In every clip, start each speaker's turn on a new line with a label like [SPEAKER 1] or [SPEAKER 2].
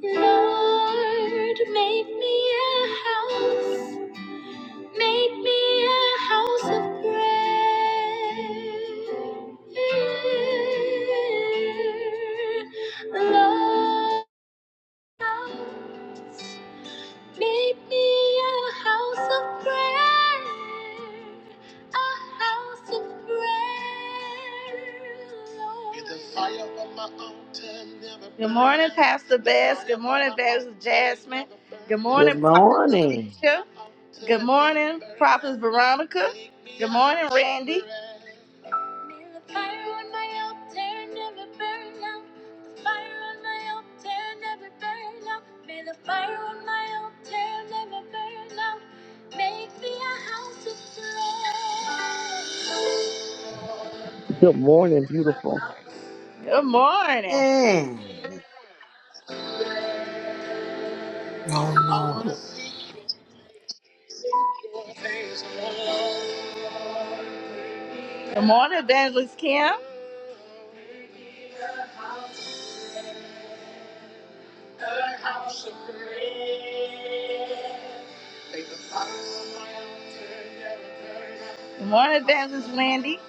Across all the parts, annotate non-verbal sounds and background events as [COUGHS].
[SPEAKER 1] Lord, make me a house, make me a house of prayer. Lord, house. Make me a house of prayer, a house of prayer. Lord.
[SPEAKER 2] Good morning.
[SPEAKER 1] Alicia. Veronica. morning, Randy.
[SPEAKER 3] Good morning, beautiful.
[SPEAKER 1] Good morning.
[SPEAKER 2] Man.
[SPEAKER 4] No, no.
[SPEAKER 1] Good morning, Evangelist Kim. Good morning, Evangelist Wendy.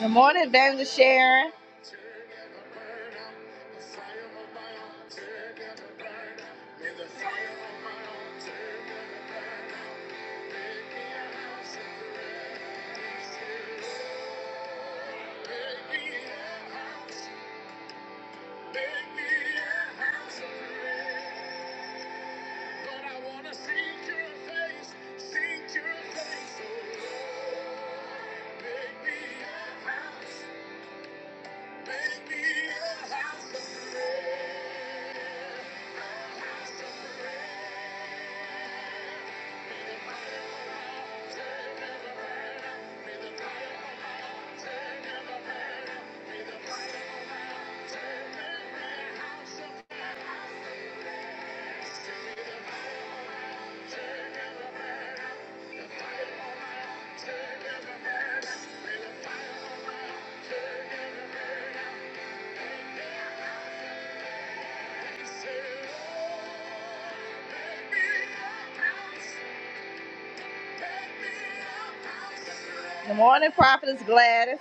[SPEAKER 1] Good morning, Evangelist Sharon. Good morning, Prophetess Gladys.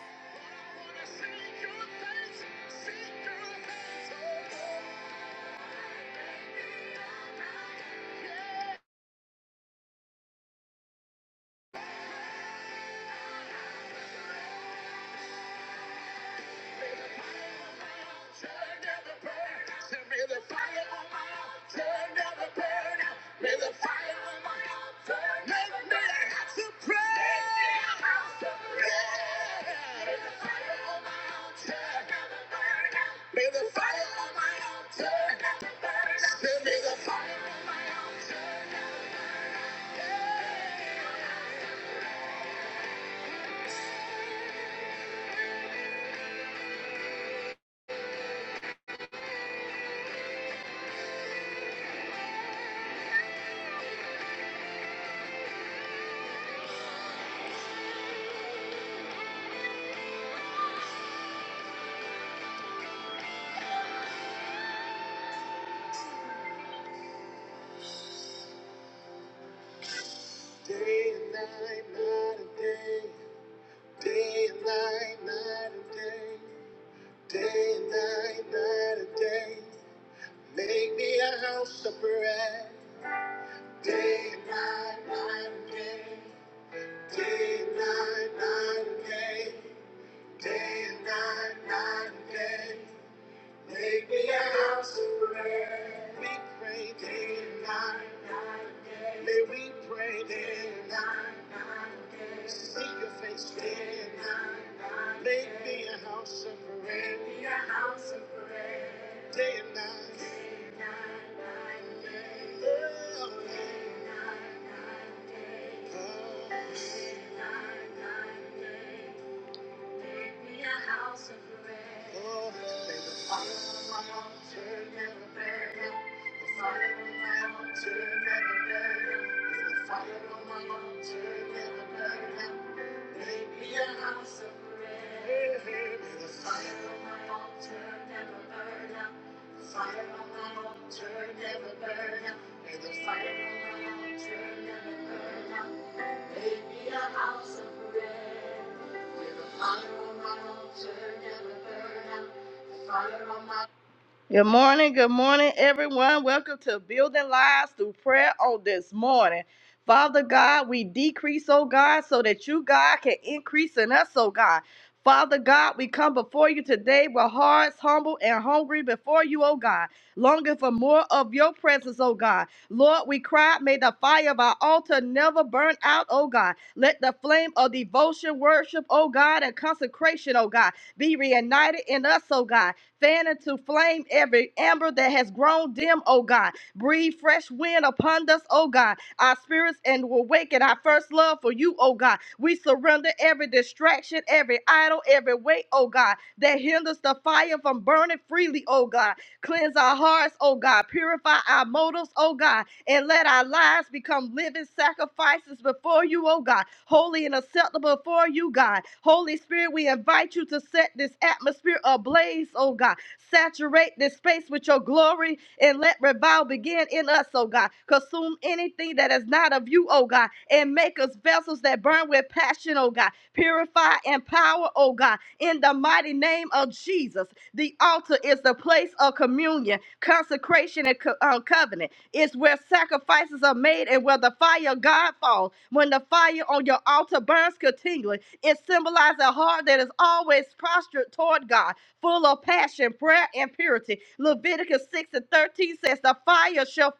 [SPEAKER 1] Good morning, good morning, everyone. Welcome to Building Lives Through Prayer on this morning. Father God, we decrease, oh God, so that you, God, can increase in us, oh God. Father God, we come before you today with hearts humble and hungry before you, oh God, longing for more of your presence, oh God. Lord, we cry, may the fire of our altar never burn out, oh God. Let the flame of devotion, worship, oh God, and consecration, oh God, be reunited in us, oh God. Fan into flame every amber that has grown dim, O God. Breathe fresh wind upon us, O God. Our spirits and awaken our first love for you, O God. We surrender every distraction, every idol, every weight, O God, that hinders the fire from burning freely, O God. Cleanse our hearts, O God. Purify our motives, O God. And let our lives become living sacrifices before you, O God holy and acceptable for you, God. Holy Spirit, we invite you to set this atmosphere ablaze, oh God. Saturate this space with your glory and let revival begin in us, oh God. Consume anything that is not of you, oh God, and make us vessels that burn with passion, oh God. Purify and power, oh God, in the mighty name of Jesus. The altar is the place of communion, consecration, and co- uh, covenant. It's where sacrifices are made and where the fire of God falls. When the fire on your altar burns continually, it symbolizes a heart that is always prostrate toward God, full of passion, prayer, and purity. Leviticus 6 and 13 says, The fire shall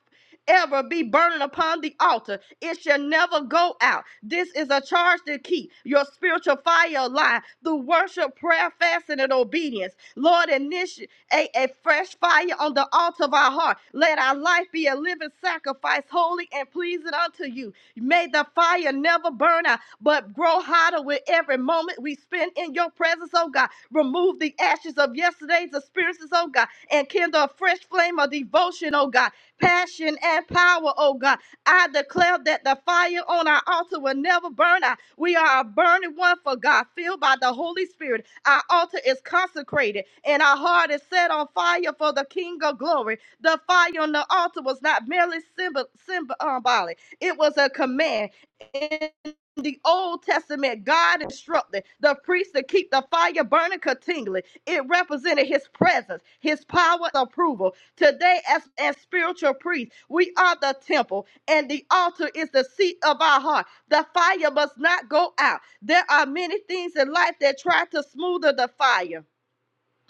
[SPEAKER 1] ever be burning upon the altar. It shall never go out. This is a charge to keep your spiritual fire alive through worship, prayer, fasting, and obedience. Lord, initiate a, a fresh fire on the altar of our heart. Let our life be a living sacrifice, holy and pleasing unto you. May the fire never burn out, but grow hotter with every moment we spend in your presence, oh God. Remove the ashes of yesterday's experiences, oh God, and kindle a fresh flame of devotion, oh God, passion and power, oh God. I declare that the fire on our altar will never burn out. We are a burning one for God, filled by the Holy Spirit. Our altar is consecrated and our heart is set on fire for the King of glory. The fire on the altar was not merely symbol, symbol, uh, symbolic, it was a command. In the Old Testament, God instructed the priest to keep the fire burning continually. It represented his presence, his power, and approval. Today, as, as spiritual priests, we are the temple, and the altar is the seat of our heart. The fire must not go out there are many things in life that try to smother the fire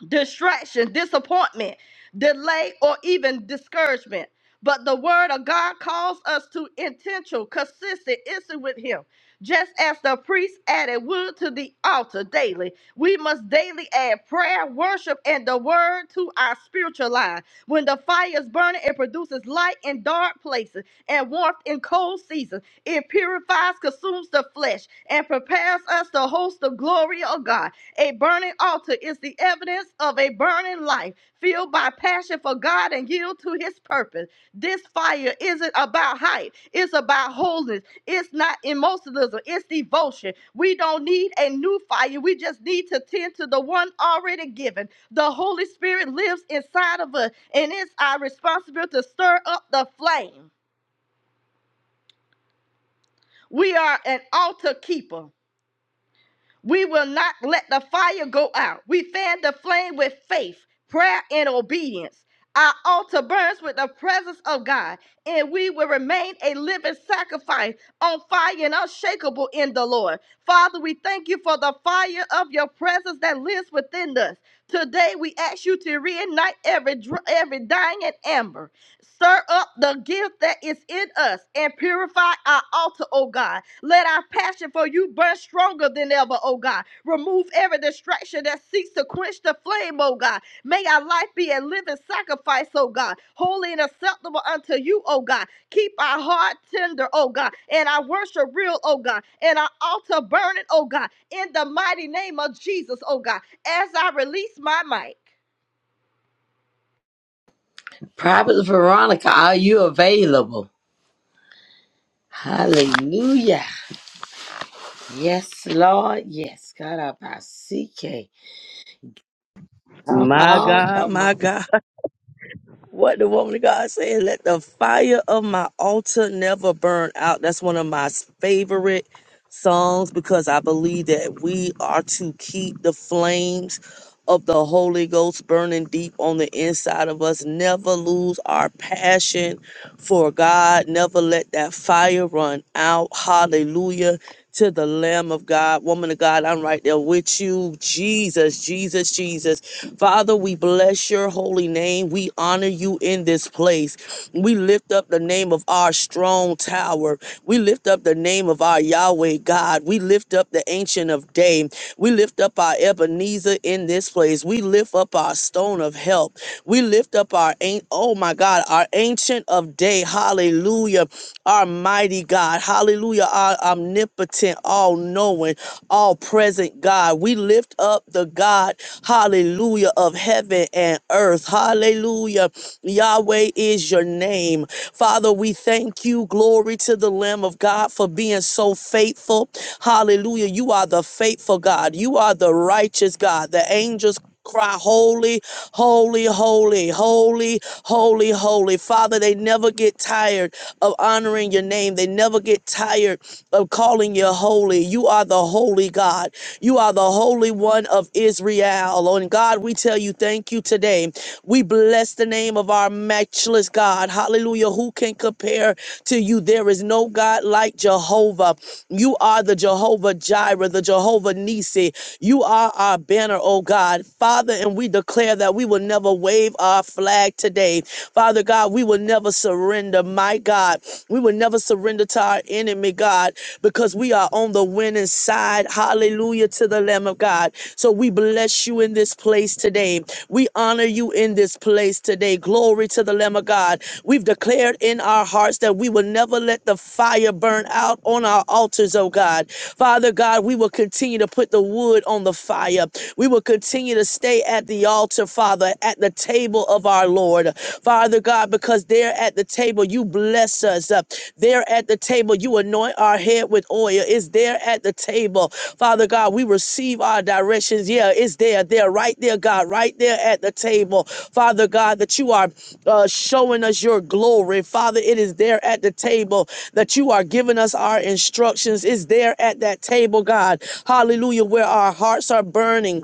[SPEAKER 1] distraction, disappointment, delay, or even discouragement. But the word of God calls us to intentional, consistent instant with Him. Just as the priest added wood to the altar daily, we must daily add prayer, worship, and the word to our spiritual life. When the fire is burning, it produces light in dark places and warmth in cold seasons. It purifies, consumes the flesh, and prepares us to host the glory of God. A burning altar is the evidence of a burning life fueled by passion for God and yield to his purpose. This fire isn't about height, it's about holiness. It's not emotionalism, it's devotion. We don't need a new fire, we just need to tend to the one already given. The Holy Spirit lives inside of us, and it's our responsibility to stir up the flame. We are an altar keeper. We will not let the fire go out. We fan the flame with faith, prayer, and obedience. Our altar burns with the presence of God, and we will remain a living sacrifice on fire and unshakable in the Lord. Father, we thank you for the fire of your presence that lives within us. Today, we ask you to reignite every, dr- every dying ember, Stir up the gift that is in us and purify our altar, O God let our passion for you burn stronger than ever, oh God. Remove every distraction that seeks to quench the flame, oh God. May our life be a living sacrifice, oh God, holy and acceptable unto you, oh God. Keep our heart tender, oh God, and our worship real, oh God, and our altar burning, oh God, in the mighty name of Jesus, oh God, as I release my mic.
[SPEAKER 2] Prophet Veronica, are you available? Hallelujah. Yes, Lord. Yes. God, I by CK. Come
[SPEAKER 3] My
[SPEAKER 2] on,
[SPEAKER 3] God,
[SPEAKER 2] come on.
[SPEAKER 3] my God. [LAUGHS] What the woman of God said, let the fire of my altar never burn out. That's one of my favorite songs because I believe that we are to keep the flames of the Holy Ghost burning deep on the inside of us. Never lose our passion for God. Never let that fire run out. Hallelujah. to the Lamb of God. Woman of God, I'm right there with you. Jesus, Jesus, Jesus. Father, we bless your holy name. We honor you in this place. We lift up the name of our strong tower. We lift up the name of our Yahweh God. We lift up the Ancient of Day. We lift up our Ebenezer in this place. We lift up our stone of help. We lift up our, an- oh my God, our Ancient of Day. Hallelujah. Our mighty mighty God. Hallelujah. Our omnipotent, all knowing, all present God. We lift up the God, hallelujah, of heaven and earth. Hallelujah. Yahweh is your name. Father, we thank you. Glory to the Lamb of God for being so faithful. Hallelujah. You are the faithful God. You are the righteous God. The angels Cry holy, holy, holy, holy, holy, holy. Father, they never get tired of honoring your name. They never get tired of calling you holy. You are the holy God. You are the holy one of Israel. Oh, And God, we tell you thank you today. We bless the name of our matchless God. Hallelujah. Who can compare to you? There is no God like Jehovah. You are the Jehovah Jireh, the Jehovah Nisi. You are our banner, oh God. God, Father, and we declare that we will never wave our flag today. Father God, we will never surrender, my God. We will never surrender to our enemy, God, because we are on the winning side. Hallelujah to the Lamb of God. So we bless you in this place today. We honor you in this place today. Glory to the Lamb of God. We've declared in our hearts that we will never let the fire burn out on our altars, oh God. Father God, we will continue to put the wood on the fire. We will will continue to stay at the altar, Father, at the table of our Lord. Father God, because there at the table you bless us. Uh, There at the table you anoint our head with oil. It's there at the table, Father God, we receive our directions. Yeah, it's there, there, right there, God, right there at the table, Father God, that you are uh, showing us your glory, Father. It is there at the table that you are giving us our instructions. It's there at that table, God. Hallelujah, where our hearts are burning.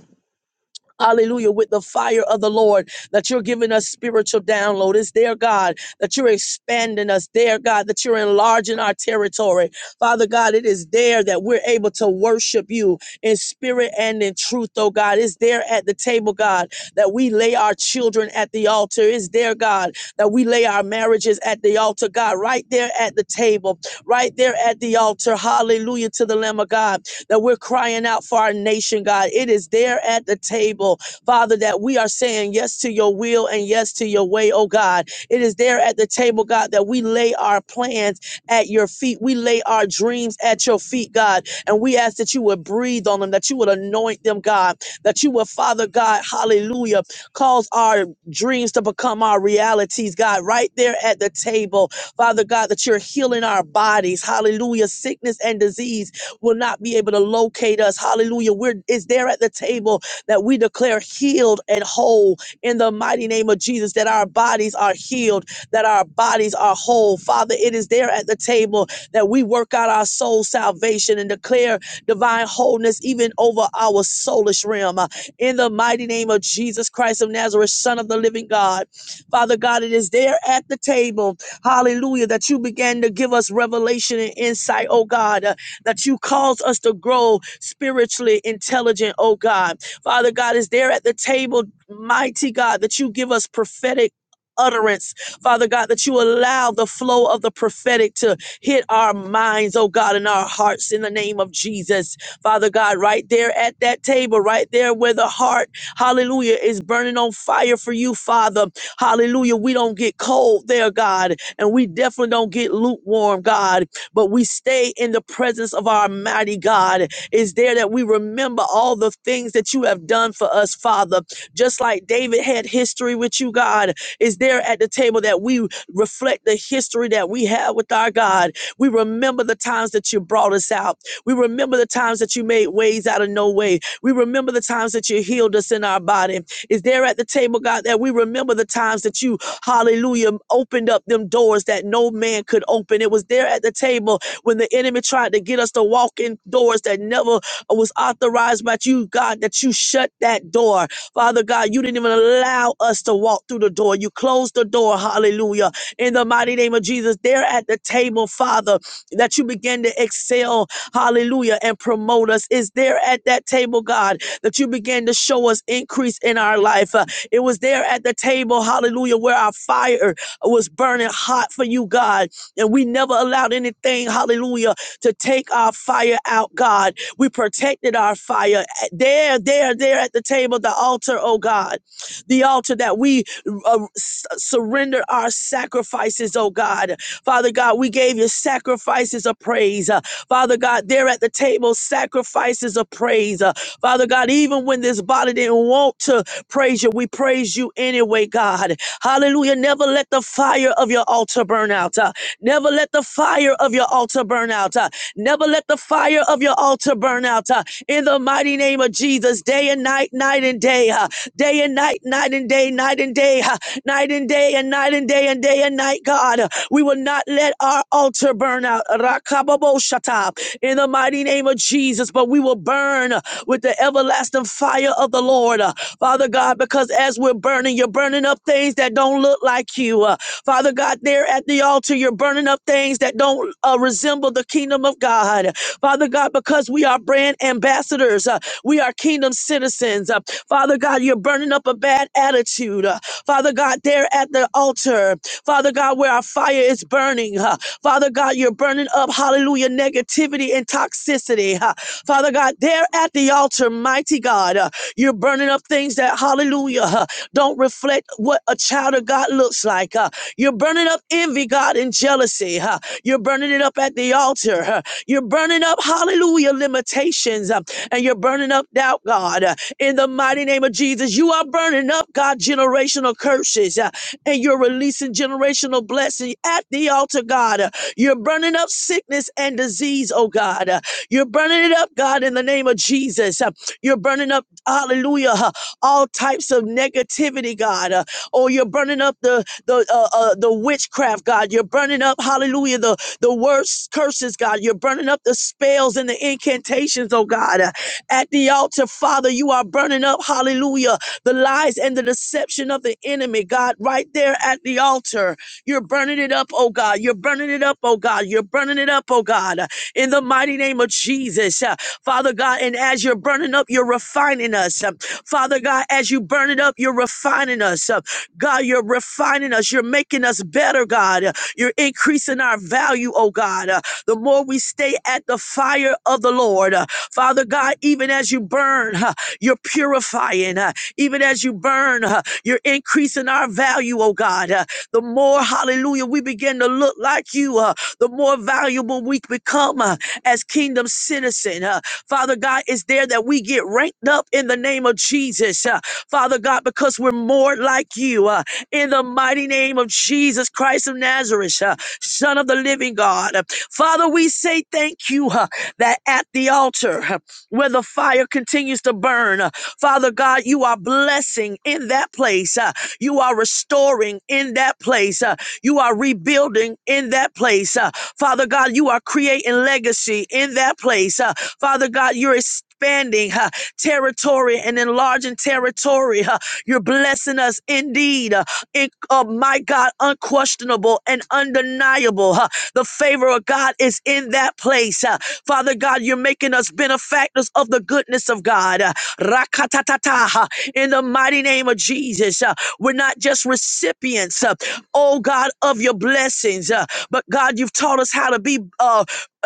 [SPEAKER 3] Hallelujah, with the fire of the Lord, that you're giving us spiritual download. It's there, God, that you're expanding us. There, God, that you're enlarging our territory. Father God, it is there that we're able to worship you in spirit and in truth, oh God. It's there at the table, God, that we lay our children at the altar. It's there, God, that we lay our marriages at the altar, God, right there at the table, right there at the altar. Hallelujah to the Lamb of God that we're crying out for our nation, God. It is there at the table, Father, that we are saying yes to your will and yes to your way, oh God. It is there at the table, God, that we lay our plans at your feet. We lay our dreams at your feet, God. And we ask that you would breathe on them, that you would anoint them, God, that you would, Father God, hallelujah, cause our dreams to become our realities, God, right there at the table. Father God, that you're healing our bodies, hallelujah, sickness and disease will not be able to locate us. Hallelujah. We're it's there at the table that we declare healed and whole in the mighty name of Jesus, that our bodies are healed, that our bodies are whole. Father, it is there at the table that we work out our soul salvation and declare divine wholeness even over our soulish realm. Uh, In the mighty name of Jesus Christ of Nazareth, Son of the living God. Father God, it is there at the table, hallelujah, that you began to give us revelation and insight, oh God, uh, that you cause us to grow spiritually intelligent, oh God. Father God, is there at the table, mighty God, that you give us prophetic utterance, Father God, that you allow the flow of the prophetic to hit our minds, oh God, and our hearts in the name of Jesus. Father God, right there at that table, right there where the heart, hallelujah, is burning on fire for you, Father. Hallelujah. We don't get cold there, God, and we definitely don't get lukewarm, God but we stay in the presence of our mighty God. Is there that we remember all the things that you have done for us, Father? Just like David had history with you, God. Is there at the table that we reflect the history that we have with our God? We remember the times that you brought us out. We remember the times that you made ways out of no way. We remember the times that you healed us in our body is there at the table, God, that we remember the times that you, hallelujah, opened up them doors that no man could open. It was there at the table when the enemy tried to get us to walk in doors that never was authorized by you, God, that you shut that door. Father God, you didn't even allow us to walk through the door. You closed the door, hallelujah. In the mighty name of Jesus, there at the table, Father, that you begin to excel, hallelujah, and promote us. Is there at that table, God, that you begin to show us increase in our life? Uh, it was there at the table, hallelujah, where our fire was burning hot for you, God, and we never allowed anything, hallelujah, to take our fire out, God. We protected our fire there, there, there at the table, the altar, oh God, the altar that we uh, s- surrender our sacrifices, oh God Father God, we gave you sacrifices of praise. Uh, Father God, there at the table, sacrifices of praise. Uh, Father God, even when this body didn't want to praise you, we praise you anyway, God. Hallelujah. Never let the fire of your altar burn out. Uh, never let the fire of your altar burn out. Uh, never let the fire of your altar burn out. Uh, in the mighty name of Jesus, day and night, night and day, uh, day and night, night and day, night and day, uh, night and day, and and night and day and day and night, God. We will not let our altar burn out. Rakababoshata, In the mighty name of Jesus, but we will burn with the everlasting fire of the Lord. Father God, because as we're burning, you're burning up things that don't look like you. Uh, Father God, there at the altar, you're burning up things that don't uh, resemble the kingdom of God. Father God, because we are brand ambassadors, uh, we are kingdom kingdom citizens. Uh, Father God, you're burning up a bad attitude. Uh, Father God, there at the altar. Father God, where our fire is burning. uh, Father God, you're burning up, hallelujah, negativity and toxicity. uh, Father God, there at the altar, mighty God, uh, you're burning up things that, hallelujah, uh, don't reflect what a child of God looks like. uh, You're burning up envy, God, and jealousy. uh, You're burning it burning up at the altar. huh. You're burning up, hallelujah, limitations. uh, And you're burning up doubt, God. uh, In the mighty name of Jesus, you are burning up, God, generational curses. uh, And you're releasing generational blessing at the altar, God. uh, You're burning up sickness and disease, oh God. uh, You're burning it up, God, in the name of Jesus. uh, You're burning up, hallelujah, huh, all types of negativity, God. uh, Oh, you're burning up the the uh, uh, the witchcraft, God. You're burning up, Hallelujah, the the worst curses, God. You're burning up the spells and the incantations, oh God. Uh, At the altar, Father, you are burning up, Hallelujah, the lies and the deception of the enemy, God. Right there at the altar, you're burning it up, oh God. You're burning it up, oh God. You're burning it up, oh God. In the mighty name of Jesus, Uh, Father God. And as you're burning up up, you're refining us. Um, Father God, as you burn it up, you're refining us. Uh, God, you're refining us. You're making us better, God. Uh, You're increasing our value, oh God. Uh, The more we stay at the fire of the Lord, uh, Father God, even as you burn, uh, you're purifying. uh, Even as you burn, uh, you're increasing our value, oh God. Uh, The more, hallelujah, we begin to look like you, uh, the more valuable we become. uh, as kingdom citizen. Uh, Father God, is there that we get ranked up in the name of Jesus, uh, Father God, because we're more like you. Uh, in the mighty name of Jesus Christ of Nazareth, uh, Son of the living God. Uh, Father, we say thank you uh, that at the altar uh, where the fire continues to burn, uh, Father God, you are blessing in that place. uh, you are restoring in that place. uh, you are rebuilding in that place. Uh, Father God, you are creating legacy in that place. Uh, Father God, you're expanding uh, territory and enlarging territory. Uh, you're blessing us indeed. Uh, in, uh, my God, unquestionable and undeniable. Uh, the favor of God is in that place. Uh, Father God, you're making us benefactors of the goodness of God. Uh, Rakatatata, uh, in the mighty name of Jesus, uh, we're not just recipients. uh, oh God, of your blessings. Uh, but God, you've taught us how to be uh,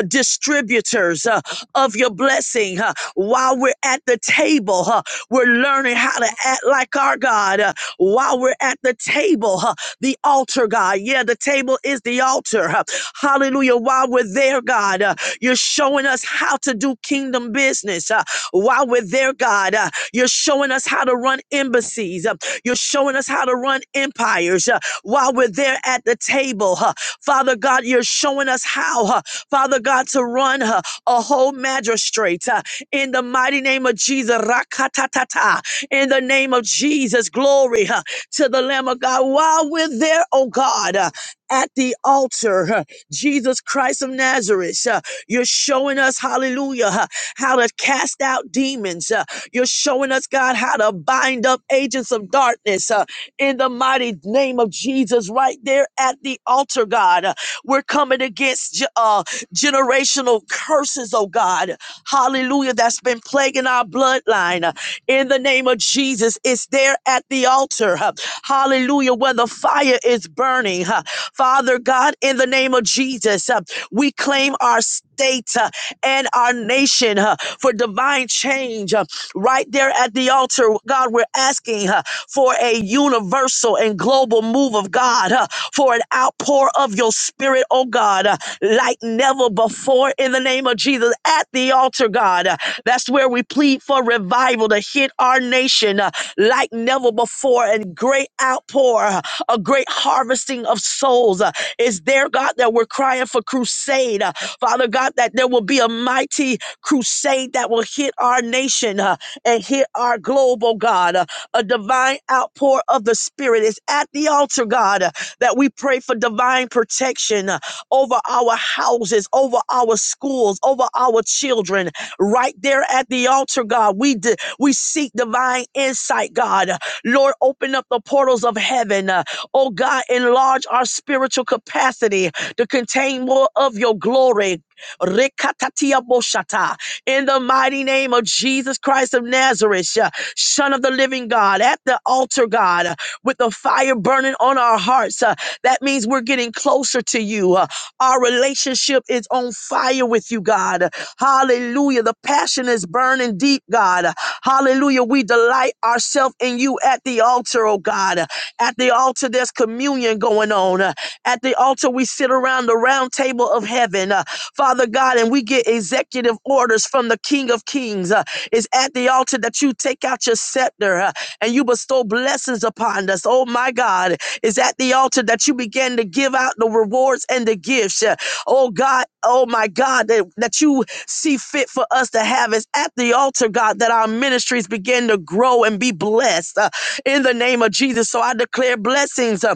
[SPEAKER 3] distributors uh, of your blessing. huh. while we're at the table, huh, we're learning how to act like our God. uh, while we're at the table, huh, the altar, God. Yeah, the table is the altar. huh. hallelujah. While we're there, God, uh, you're showing us how to do kingdom business. uh, while we're there, God, uh, you're showing us how to run embassies. uh, you're showing us how to run empires. uh, while we're there at the table. huh. Father God, you're showing us how, huh, Father God, to run huh, a whole magistrate huh, in the mighty name of Jesus. Rakatatata. In the name of Jesus, glory huh, to the Lamb of God. While we're there, oh God, uh, at the altar, huh, Jesus Christ of Nazareth, uh, you're showing us, hallelujah, huh, how to cast out demons. uh, You're showing us, God, how to bind up agents of darkness. uh, in the mighty name of Jesus right there at the altar, God. We're coming against ge- uh, generational curses, oh God. Hallelujah. That's been plaguing our bloodline. In the name of Jesus, it's there at the altar. Hallelujah. When the fire is burning. Father God, in the name of Jesus, uh, we claim our state uh, and our nation uh, for divine change uh, right there at the altar altar, God, we're asking uh, for a universal and global move of God, uh, for an outpour of your spirit, oh God, uh, like never before in the name of Jesus at the altar, God. Uh, that's where we plead for revival to hit our nation uh, like never before and great outpour, uh, a great harvesting of souls. Uh, is there, God, that we're crying for crusade? Uh, Father God, that there will be a mighty crusade that will hit our nation. uh, and hear our global God. Uh, A divine outpour of the Spirit is at the altar, God, uh, that we pray for divine protection uh, over our houses, over our schools, over our children. Right there at the altar, God, we d- we seek divine insight, God. Uh, Lord, open up the portals of heaven. Uh, Oh God, enlarge our spiritual capacity to contain more of your glory. Rekatatiaboshata in the mighty name of Jesus Christ of Nazareth, uh, Son of the living God, at the altar, God, uh, with the fire burning on our hearts. uh, That means we're getting closer to you. uh, Our relationship is on fire with you, God. Hallelujah. The passion is burning deep, God. Hallelujah. We delight ourselves in you at the altar, oh God. At the altar, there's communion going on. uh, at the altar, we sit around the round table of heaven, uh, Father God, and we get executive orders from the King of Kings. Uh, it's at the altar that you take out your scepter uh, and you bestow blessings upon us. Oh my God, it's at the altar that you begin to give out the rewards and the gifts. uh, oh God, oh my God, that, that you see fit for us to have. It's at the altar, God, that our ministries begin to grow and be blessed uh, in the name of Jesus. So I declare blessings. uh,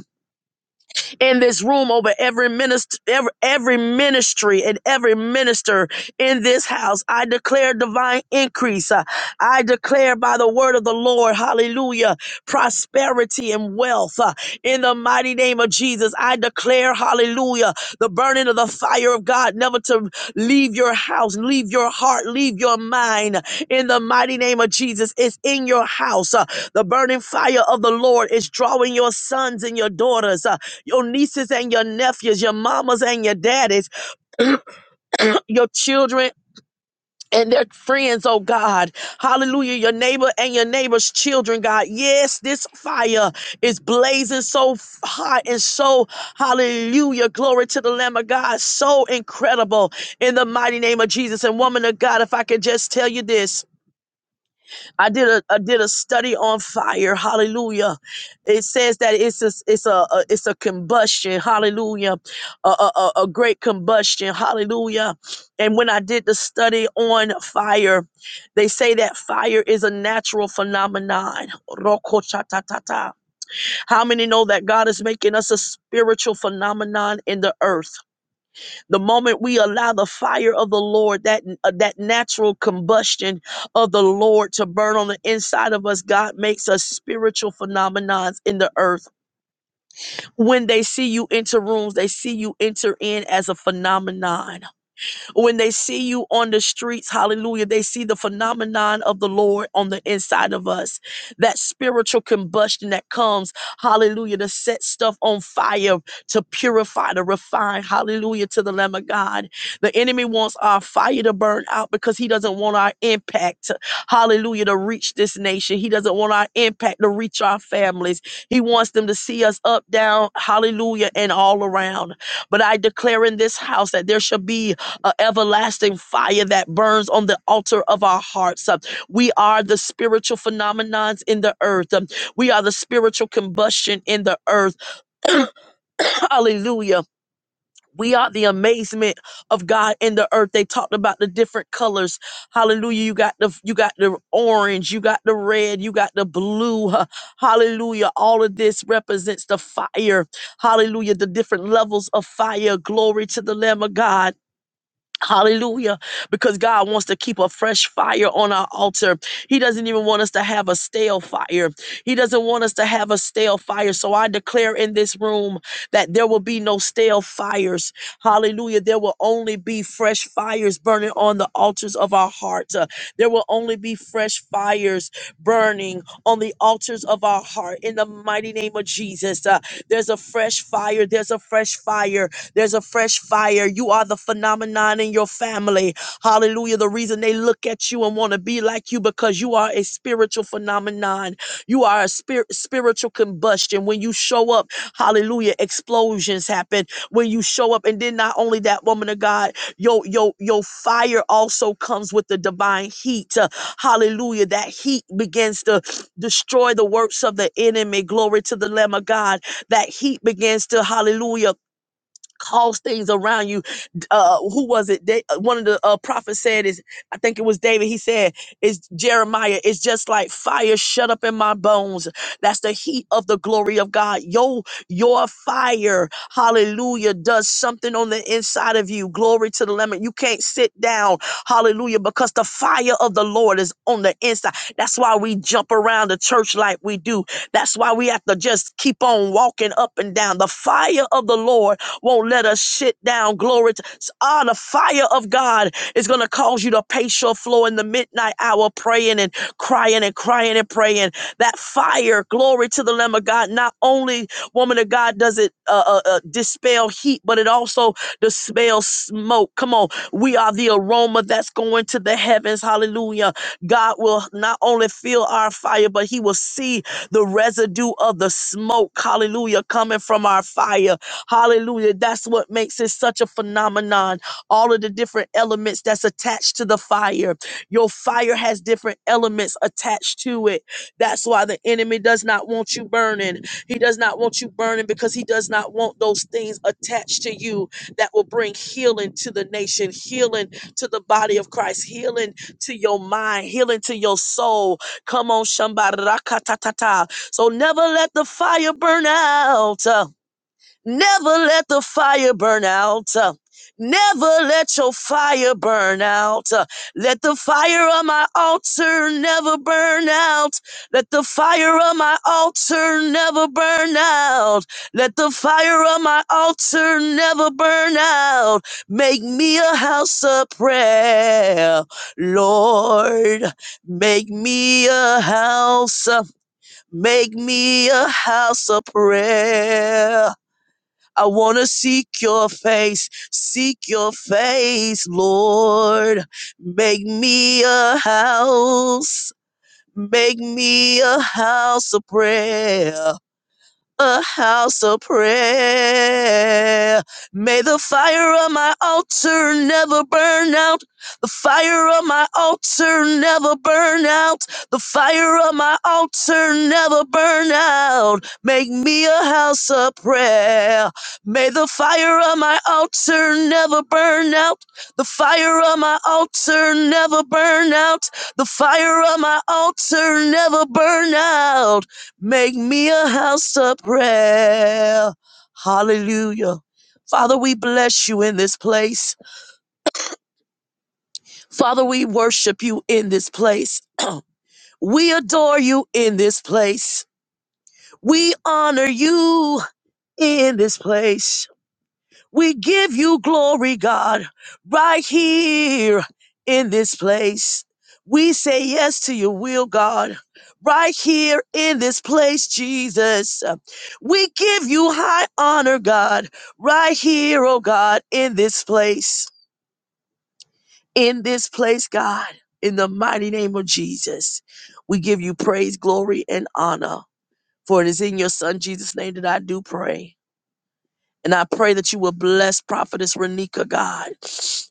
[SPEAKER 3] in this room over every minister, every, every ministry and every minister in this house. I declare divine increase. Uh, I declare by the word of the Lord, hallelujah, prosperity and wealth uh, in the mighty name of Jesus. I declare, hallelujah, the burning of the fire of God never to leave your house, leave your heart, leave your mind in the mighty name of Jesus. It's in your house. Uh, the burning fire of the Lord is drawing your sons and your daughters. uh, your nieces and your nephews, your mamas and your daddies, [CLEARS THROAT] your children. And their friends, oh God. Hallelujah. Your neighbor and your neighbor's children, God. Yes, this fire is blazing so f- hot and so, hallelujah. Glory to the Lamb of God. So incredible in the mighty name of Jesus. And woman of God, if I could just tell you this. I did a I did a study on fire. Hallelujah. It says that it's a it's a, a- it's a combustion. Hallelujah. A, a a a great combustion. Hallelujah. And when I did the study on fire, they say that fire is a natural phenomenon. Rokoshatatata. How many know that God is making us a spiritual phenomenon in the earth? The moment we allow the fire of the Lord, that uh, that natural combustion of the Lord to burn on the inside of us, God makes us spiritual phenomenons in the earth. When they see you enter rooms, they see you enter in as a phenomenon when they see you on the streets, hallelujah, they see the phenomenon of the Lord on the inside of us. That spiritual combustion that comes, hallelujah, to set stuff on fire, to purify, to refine, hallelujah, to the Lamb of God. The enemy wants our fire to burn out because he doesn't want our impact, hallelujah, to reach this nation. He doesn't want our impact to reach our families. He wants them to see us up, down, hallelujah, and all around. But I declare in this house that there shall be uh, everlasting fire that burns on the altar of our hearts. Uh, we are the spiritual phenomenons in the earth. Um, we are the spiritual combustion in the earth. [COUGHS] [CLEARS THROAT] Hallelujah. We are the amazement of God in the earth. They talked about the different colors. Hallelujah. You got the you got the orange, you got the red, you got the blue. [LAUGHS] huh. Hallelujah. All of this represents the fire. Hallelujah. The different levels of fire. Glory to the Lamb of God. Hallelujah. Because God wants to keep a fresh fire on our altar. He doesn't even want us to have a stale fire. He doesn't want us to have a stale fire. So I declare in this room that there will be no stale fires. Hallelujah. There will only be fresh fires burning on the altars of our hearts. Uh, there will only be fresh fires burning on the altars of our heart. In the mighty name of Jesus, uh, there's a fresh fire. There's a fresh fire there's a fresh fire. You are the phenomenon in your family. Hallelujah. The reason they look at you and want to be like you because you are a spiritual phenomenon. You are a spirit spiritual combustion. When you show up, hallelujah, explosions happen. When you show up, and then not only that woman of God, your your your fire also comes with the divine heat. Uh, hallelujah. That heat begins to destroy the works of the enemy. Glory to the Lamb of God. That heat begins to hallelujah cause things around you uh who was it they uh, one of the uh prophets said is i think it was david he said it's jeremiah it's just like fire shut up in my bones that's the heat of the glory of god your your fire hallelujah does something on the inside of you glory to the lemon you can't sit down hallelujah because the fire of the lord is on the inside that's why we jump around the church like we do that's why we have to just keep on walking up and down the fire of the lord won't let us sit down. Glory to ah, the fire of God is going to cause you to pace your floor in the midnight hour, praying and crying and crying and praying. That fire, glory to the Lamb of God. Not only, woman of God, does it uh, uh, uh, dispel heat, but it also dispels smoke. Come on, we are the aroma that's going to the heavens. Hallelujah. God will not only feel our fire, but He will see the residue of the smoke. Hallelujah, coming from our fire. Hallelujah. That's what makes it such a phenomenon. All of the different elements that's attached to the fire. Your fire has different elements attached to it. That's why the enemy does not want you burning. He does not want you burning because he does not want those things attached to you that will bring healing to the nation, healing to the body of Christ, healing to your mind, healing to your soul. Come on, Shambara. So never let the fire burn out. Never let the fire burn out. uh, Never let your fire burn out. uh, Let the fire on my altar never burn out. Let the fire on my altar never burn out. Let the fire on my altar never burn out. Make me a house of prayer. Lord, make me a house. uh, Make me a house of prayer. I want to seek your face, seek your face, Lord. Make me a house, make me a house of prayer a house of prayer. May the fire on my altar never burn out. The fire on my altar never burn out. The fire on my altar never burn out. Make me a house of prayer. May the fire on my altar never burn out. The fire on my altar never burn out. The fire on my altar never burn out. Make me a house of prayer. Hallelujah. Father, we bless you in this place. Father, we worship you in this place. [CLEARS THROAT] we adore you in this place. We honor you in this place. We give you glory, God, right here in this place. We say yes to your will, God, right here in this place, Jesus. We give you high honor, God, right here, oh God, in this place, in this place, God, in the mighty name of Jesus. We give you praise, glory, and honor. For it is in your Son, Jesus' name, that I do pray. And I pray that you will bless Prophetess Renika, God.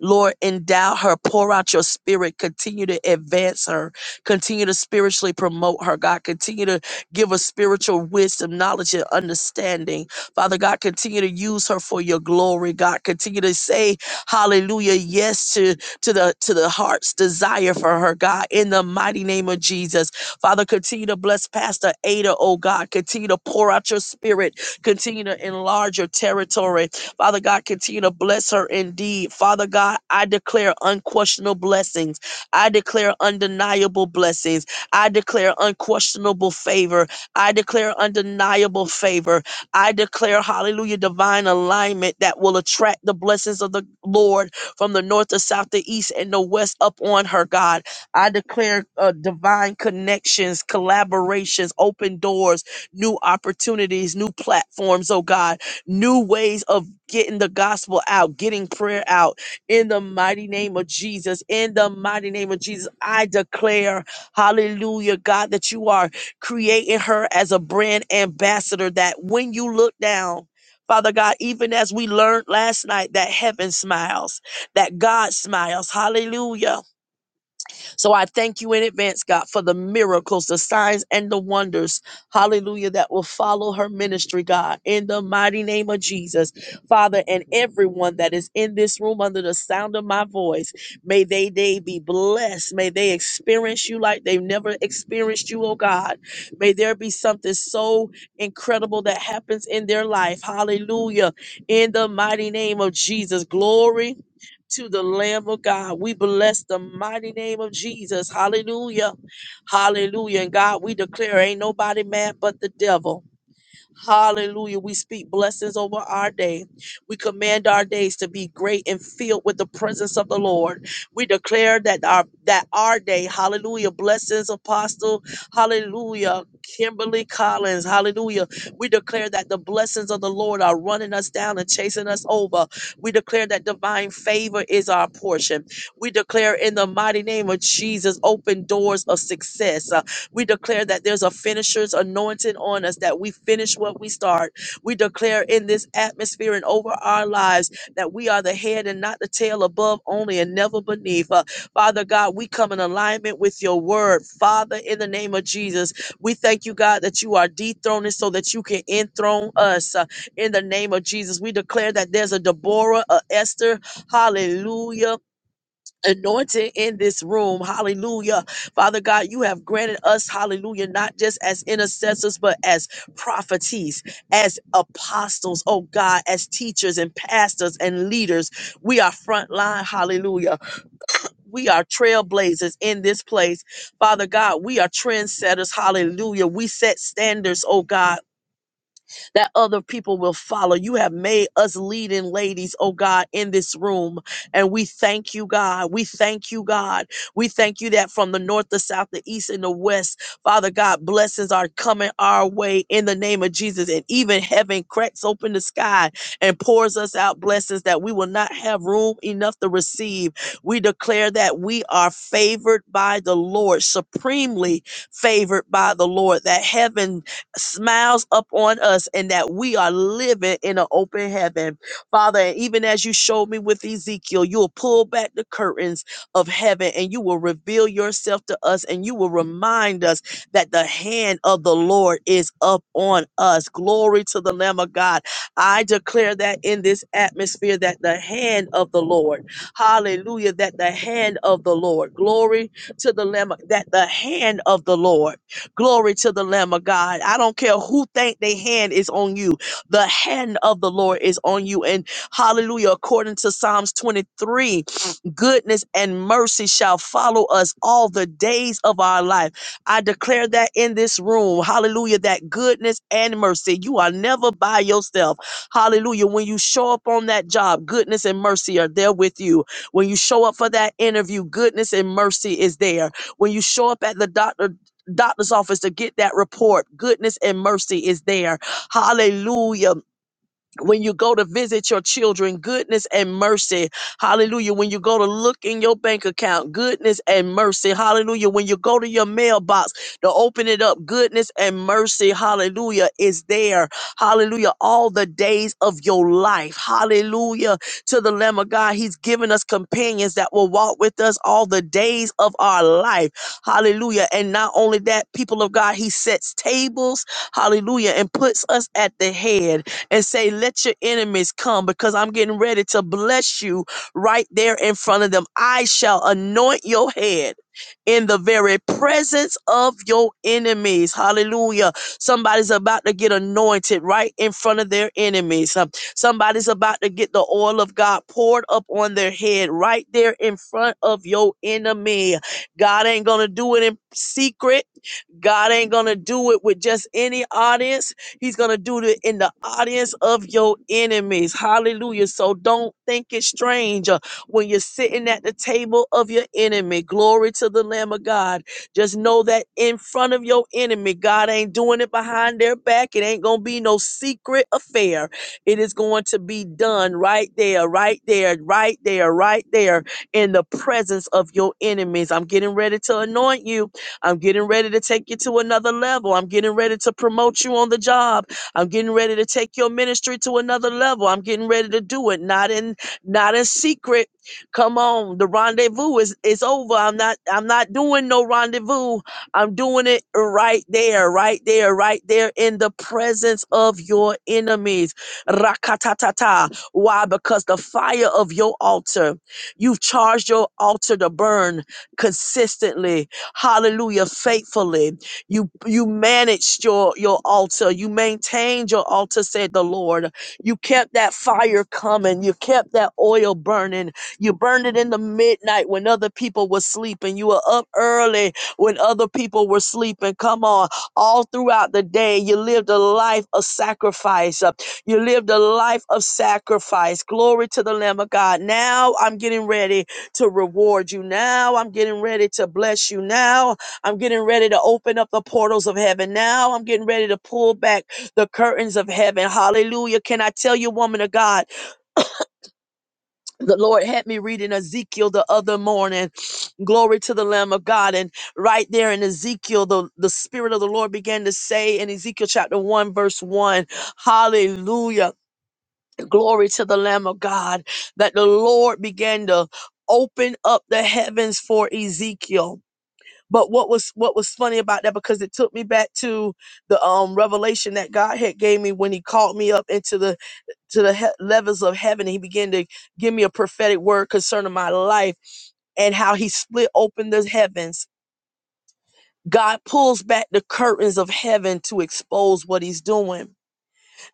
[SPEAKER 3] Lord, endow her, pour out your spirit, continue to advance her, continue to spiritually promote her, God. Continue to give her spiritual wisdom, knowledge, and understanding. Father God, continue to use her for your glory, God. Continue to say, hallelujah, yes to, to the to the heart's desire for her, God, in the mighty name of Jesus. Father, continue to bless Pastor Ada, oh God. Continue to pour out your spirit Continue to enlarge your territory. Father God, continue to bless her indeed. Father God, I declare unquestionable blessings. I declare undeniable blessings. I declare unquestionable favor. I declare undeniable favor. I declare, hallelujah, divine alignment that will attract the blessings of the Lord from the north, the south, the east, and the west up on her, God. I declare uh, divine connections, collaborations, open doors, new opportunities, new platforms, oh God, new ways of getting the gospel out, getting prayer out in the mighty name of Jesus. In the mighty name of Jesus, I declare, hallelujah, God, that you are creating her as a brand ambassador that when you look down, Father God, even as we learned last night, that heaven smiles, that God smiles. Hallelujah. So I thank you in advance, God, for the miracles, the signs, and the wonders, hallelujah, that will follow her ministry, God, in the mighty name of Jesus. Father, and everyone that is in this room under the sound of my voice, may they, they be blessed. May they experience you like they've never experienced you, oh God. May there be something so incredible that happens in their life, hallelujah, in the mighty name of Jesus. Glory to the Lamb of God. We bless the mighty name of Jesus. Hallelujah. Hallelujah. And God, we declare ain't nobody mad but the devil. Hallelujah. We speak blessings over our day. We command our days to be great and filled with the presence of the Lord. We declare that our that our day, hallelujah, blessings, apostle, hallelujah, Kimberly Collins, hallelujah. We declare that the blessings of the Lord are running us down and chasing us over. We declare that divine favor is our portion. We declare in the mighty name of Jesus open doors of success. We declare that there's a finisher's anointing on us, that we finish what we start. We declare in this atmosphere and over our lives that we are the head and not the tail, above only and never beneath. Uh, Father God, we come in alignment with your word. Father, in the name of Jesus, we thank you, God, that you are dethroning so that you can enthrone us. Uh, in the name of Jesus, we declare that there's a Deborah, a Esther, hallelujah anointing in this room. Hallelujah. Father God, you have granted us, hallelujah, not just as intercessors, but as propheties, as apostles, oh God, as teachers and pastors and leaders. We are frontline, hallelujah. We are trailblazers in this place. Father God, we are trendsetters, hallelujah. We set standards, oh God that other people will follow. You have made us leading ladies, oh God, in this room. And we thank you, God. We thank you, God. We thank you that from the north, the south, the east, and the west, Father God, blessings are coming our way in the name of Jesus. And even heaven cracks open the sky and pours us out blessings that we will not have room enough to receive. We declare that we are favored by the Lord, supremely favored by the Lord, that heaven smiles upon us and that we are living in an open heaven. Father, and even as you showed me with Ezekiel, you will pull back the curtains of heaven and you will reveal yourself to us and you will remind us that the hand of the Lord is up on us. Glory to the Lamb of God. I declare that in this atmosphere that the hand of the Lord, hallelujah, that the hand of the Lord, glory to the Lamb, of- that the hand of the Lord. Glory to the Lamb of God. I don't care who think their hand is on you. The hand of the Lord is on you. And hallelujah, according to Psalms 23, goodness and mercy shall follow us all the days of our life. I declare that in this room, hallelujah, that goodness and mercy. You are never by yourself. Hallelujah. When you show up on that job, goodness and mercy are there with you. When you show up for that interview, goodness and mercy is there. When you show up at the doctor doctor's office to get that report. Goodness and mercy is there. Hallelujah when you go to visit your children, goodness and mercy. Hallelujah. When you go to look in your bank account, goodness and mercy. Hallelujah. When you go to your mailbox to open it up, goodness and mercy. Hallelujah. Is there. Hallelujah. All the days of your life. Hallelujah. To the Lamb of God, He's given us companions that will walk with us all the days of our life. Hallelujah. And not only that, people of God, He sets tables. Hallelujah. And puts us at the head and say, Let your enemies come because I'm getting ready to bless you right there in front of them. I shall anoint your head in the very presence of your enemies. Hallelujah. Somebody's about to get anointed right in front of their enemies. Um, Somebody's about to get the oil of God poured up on their head right there in front of your enemy. God ain't going to do it in secret. God ain't going to do it with just any audience. He's going to do it in the audience of your enemies. Hallelujah. So don't think it's strange uh, when you're sitting at the table of your enemy. Glory to the Lamb of God. Just know that in front of your enemy, God ain't doing it behind their back. It ain't going to be no secret affair. It is going to be done right there, right there, right there, right there in the presence of your enemies. I'm getting ready to anoint you I'm getting ready to take you to another level. I'm getting ready to promote you on the job. I'm getting ready to take your ministry to another level. I'm getting ready to do it, not in not in secret. Come on, the rendezvous is is over. I'm not I'm not doing no rendezvous. I'm doing it right there, right there, right there in the presence of your enemies. Rakatatata. Why? Because the fire of your altar, you've charged your altar to burn consistently Hallelujah. Faithfully. You you managed your your altar. You maintained your altar, said the Lord. You kept that fire coming. You kept that oil burning. You burned it in the midnight when other people were sleeping. You were up early when other people were sleeping. Come on. All throughout the day, you lived a life of sacrifice. Uh, You lived a life of sacrifice. Glory to the Lamb of God. Now I'm getting ready to reward you now. I'm getting ready to bless you now. I'm getting ready to open up the portals of heaven now. I'm getting ready to pull back the curtains of heaven. Hallelujah. Can I tell you, woman of God, the Lord had me reading Ezekiel the other morning. [SNIFFS] Glory to the Lamb of God. And right there in Ezekiel, the, the Spirit of the Lord began to say in Ezekiel chapter 1, verse 1, Hallelujah. Glory to the Lamb of God that the Lord began to open up the heavens for Ezekiel. But what was what was funny about that because it took me back to the um revelation that God had gave me when He called me up into the to the he- levels of heaven. He began to give me a prophetic word concerning my life and how He split open the heavens. God pulls back the curtains of heaven to expose what He's doing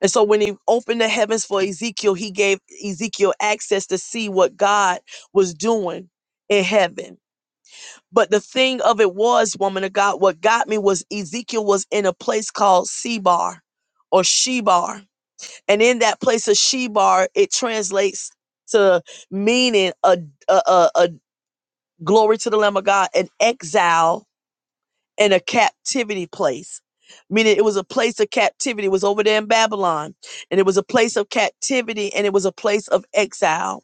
[SPEAKER 3] and so when he opened the heavens for Ezekiel, he gave Ezekiel access to see what God was doing in heaven. But the thing of it was, woman of God, what got me was Ezekiel was in a place called Sebar or Shebar. And in that place of Shebar, it translates to meaning a, a, a, a glory to the Lamb of God, an exile and a captivity place. Meaning it was a place of captivity. It was over there in Babylon. And it was a place of captivity and it was a place of exile.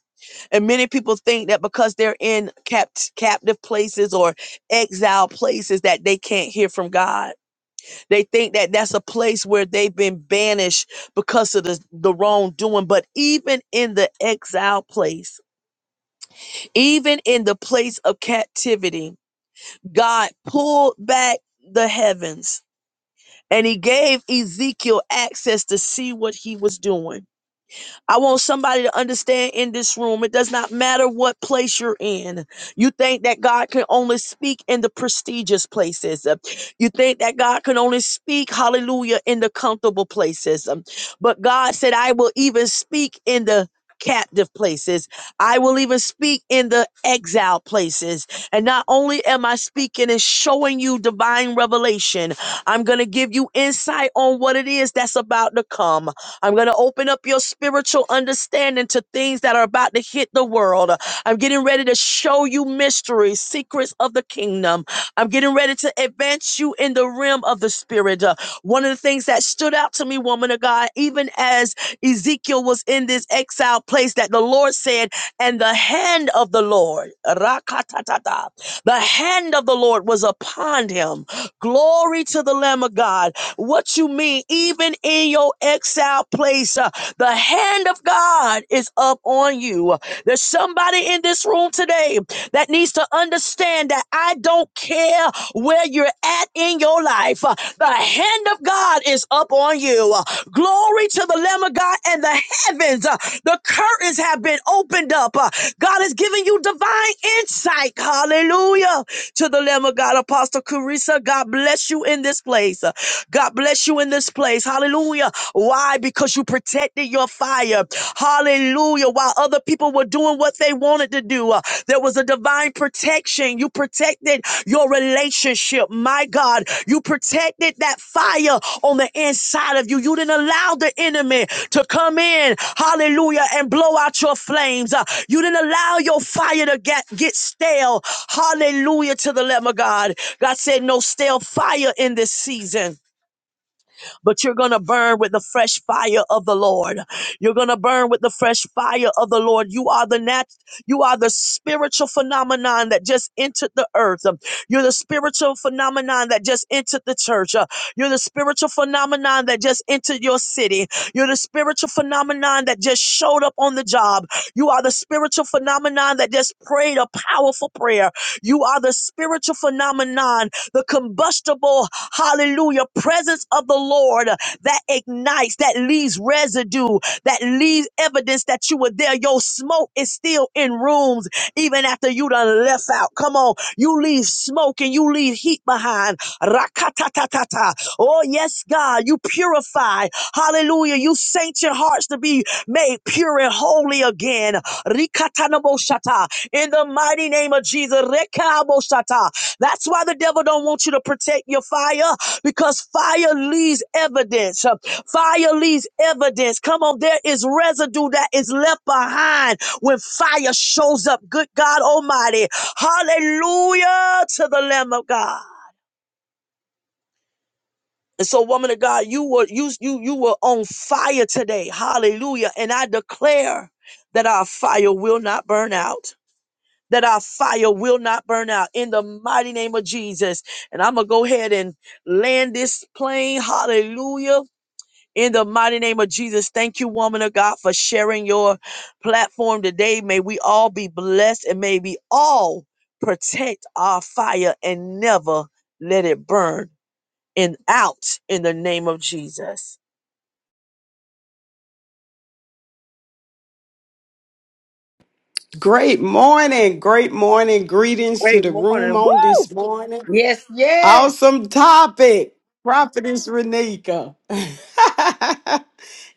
[SPEAKER 3] And many people think that because they're in capt- captive places or exile places that they can't hear from God. They think that that's a place where they've been banished because of the, the wrongdoing. But even in the exile place, even in the place of captivity, God pulled back the heavens And he gave Ezekiel access to see what he was doing. I want somebody to understand in this room, it does not matter what place you're in. You think that God can only speak in the prestigious places. Uh, You think that God can only speak, hallelujah, in the comfortable places. Um, But God said, I will even speak in the captive places. I will even speak in the exile places. And not only am I speaking and showing you divine revelation, I'm going to give you insight on what it is that's about to come. I'm going to open up your spiritual understanding to things that are about to hit the world. I'm getting ready to show you mysteries, secrets of the kingdom. I'm getting ready to advance you in the realm of the spirit. Uh, one of the things that stood out to me, woman of God, even as Ezekiel was in this exile place, that the Lord said, and the hand of the Lord, rakatatata, the hand of the Lord was upon him. Glory to the Lamb of God. What you mean, even in your exile place, uh, the hand of God is up on you. There's somebody in this room today that needs to understand that I don't care where you're at in your life. uh, The hand of God is up on you. Uh, Glory to the Lamb of God and the heavens. uh, The curtains have been opened up. Uh, God has given you divine insight. Hallelujah to the Lamb of God. Apostle Carissa, God bless you in this place. God bless you in this place. Hallelujah. Why? Because you protected your fire. Hallelujah. While other people were doing what they wanted to do, uh, there was a divine protection. You protected your relationship my God. You protected that fire on the inside of you. You didn't allow the enemy to come in, hallelujah, and blow out your flames. Uh, You didn't allow your fire to get, get stale, hallelujah, to the Lamb of God. God said, No stale fire in this season but you're going to burn with the fresh fire of the Lord. You're going to burn with the fresh fire of the Lord. You are the nat- you are the spiritual phenomenon that just entered the earth. Um, You're the spiritual phenomenon that just entered the church. Uh, You're the spiritual phenomenon that just entered your city. You're the spiritual phenomenon that just showed up on the job. You are the spiritual phenomenon that just prayed a powerful prayer. You are the spiritual phenomenon the combustible, hallelujah, presence of the Lord that ignites, that leaves residue, that leaves evidence that you were there. Your smoke is still in rooms even after you done left out. Come on, you leave smoke and you leave heat behind. Rakatatatata. Oh, yes, God, you purify. Hallelujah. You sanction hearts to be made pure and holy again. Rikatanaboshata. In the mighty name of Jesus. Rekaboshata. That's why the devil don't want you to protect your fire because fire leaves evidence. Uh, Fire leaves evidence. Come on, there is residue that is left behind when fire shows up. Good God Almighty. Hallelujah to the Lamb of God. And so, woman of God, you were you you you were on fire today. Hallelujah. And I declare that our fire will not burn out. that our fire will not burn out in the mighty name of Jesus. And I'm going to go ahead and land this plane. Hallelujah. In the mighty name of Jesus, thank you, woman of God, for sharing your platform today. May we all be blessed and may we all protect our fire and never let it burn and out in the name of Jesus.
[SPEAKER 5] Great morning, great morning. Greetings to
[SPEAKER 3] Great
[SPEAKER 5] the room
[SPEAKER 3] morning.
[SPEAKER 5] on
[SPEAKER 3] Woo!
[SPEAKER 5] this morning.
[SPEAKER 2] Yes, yes.
[SPEAKER 5] Awesome topic, Prophetess Renika. [LAUGHS]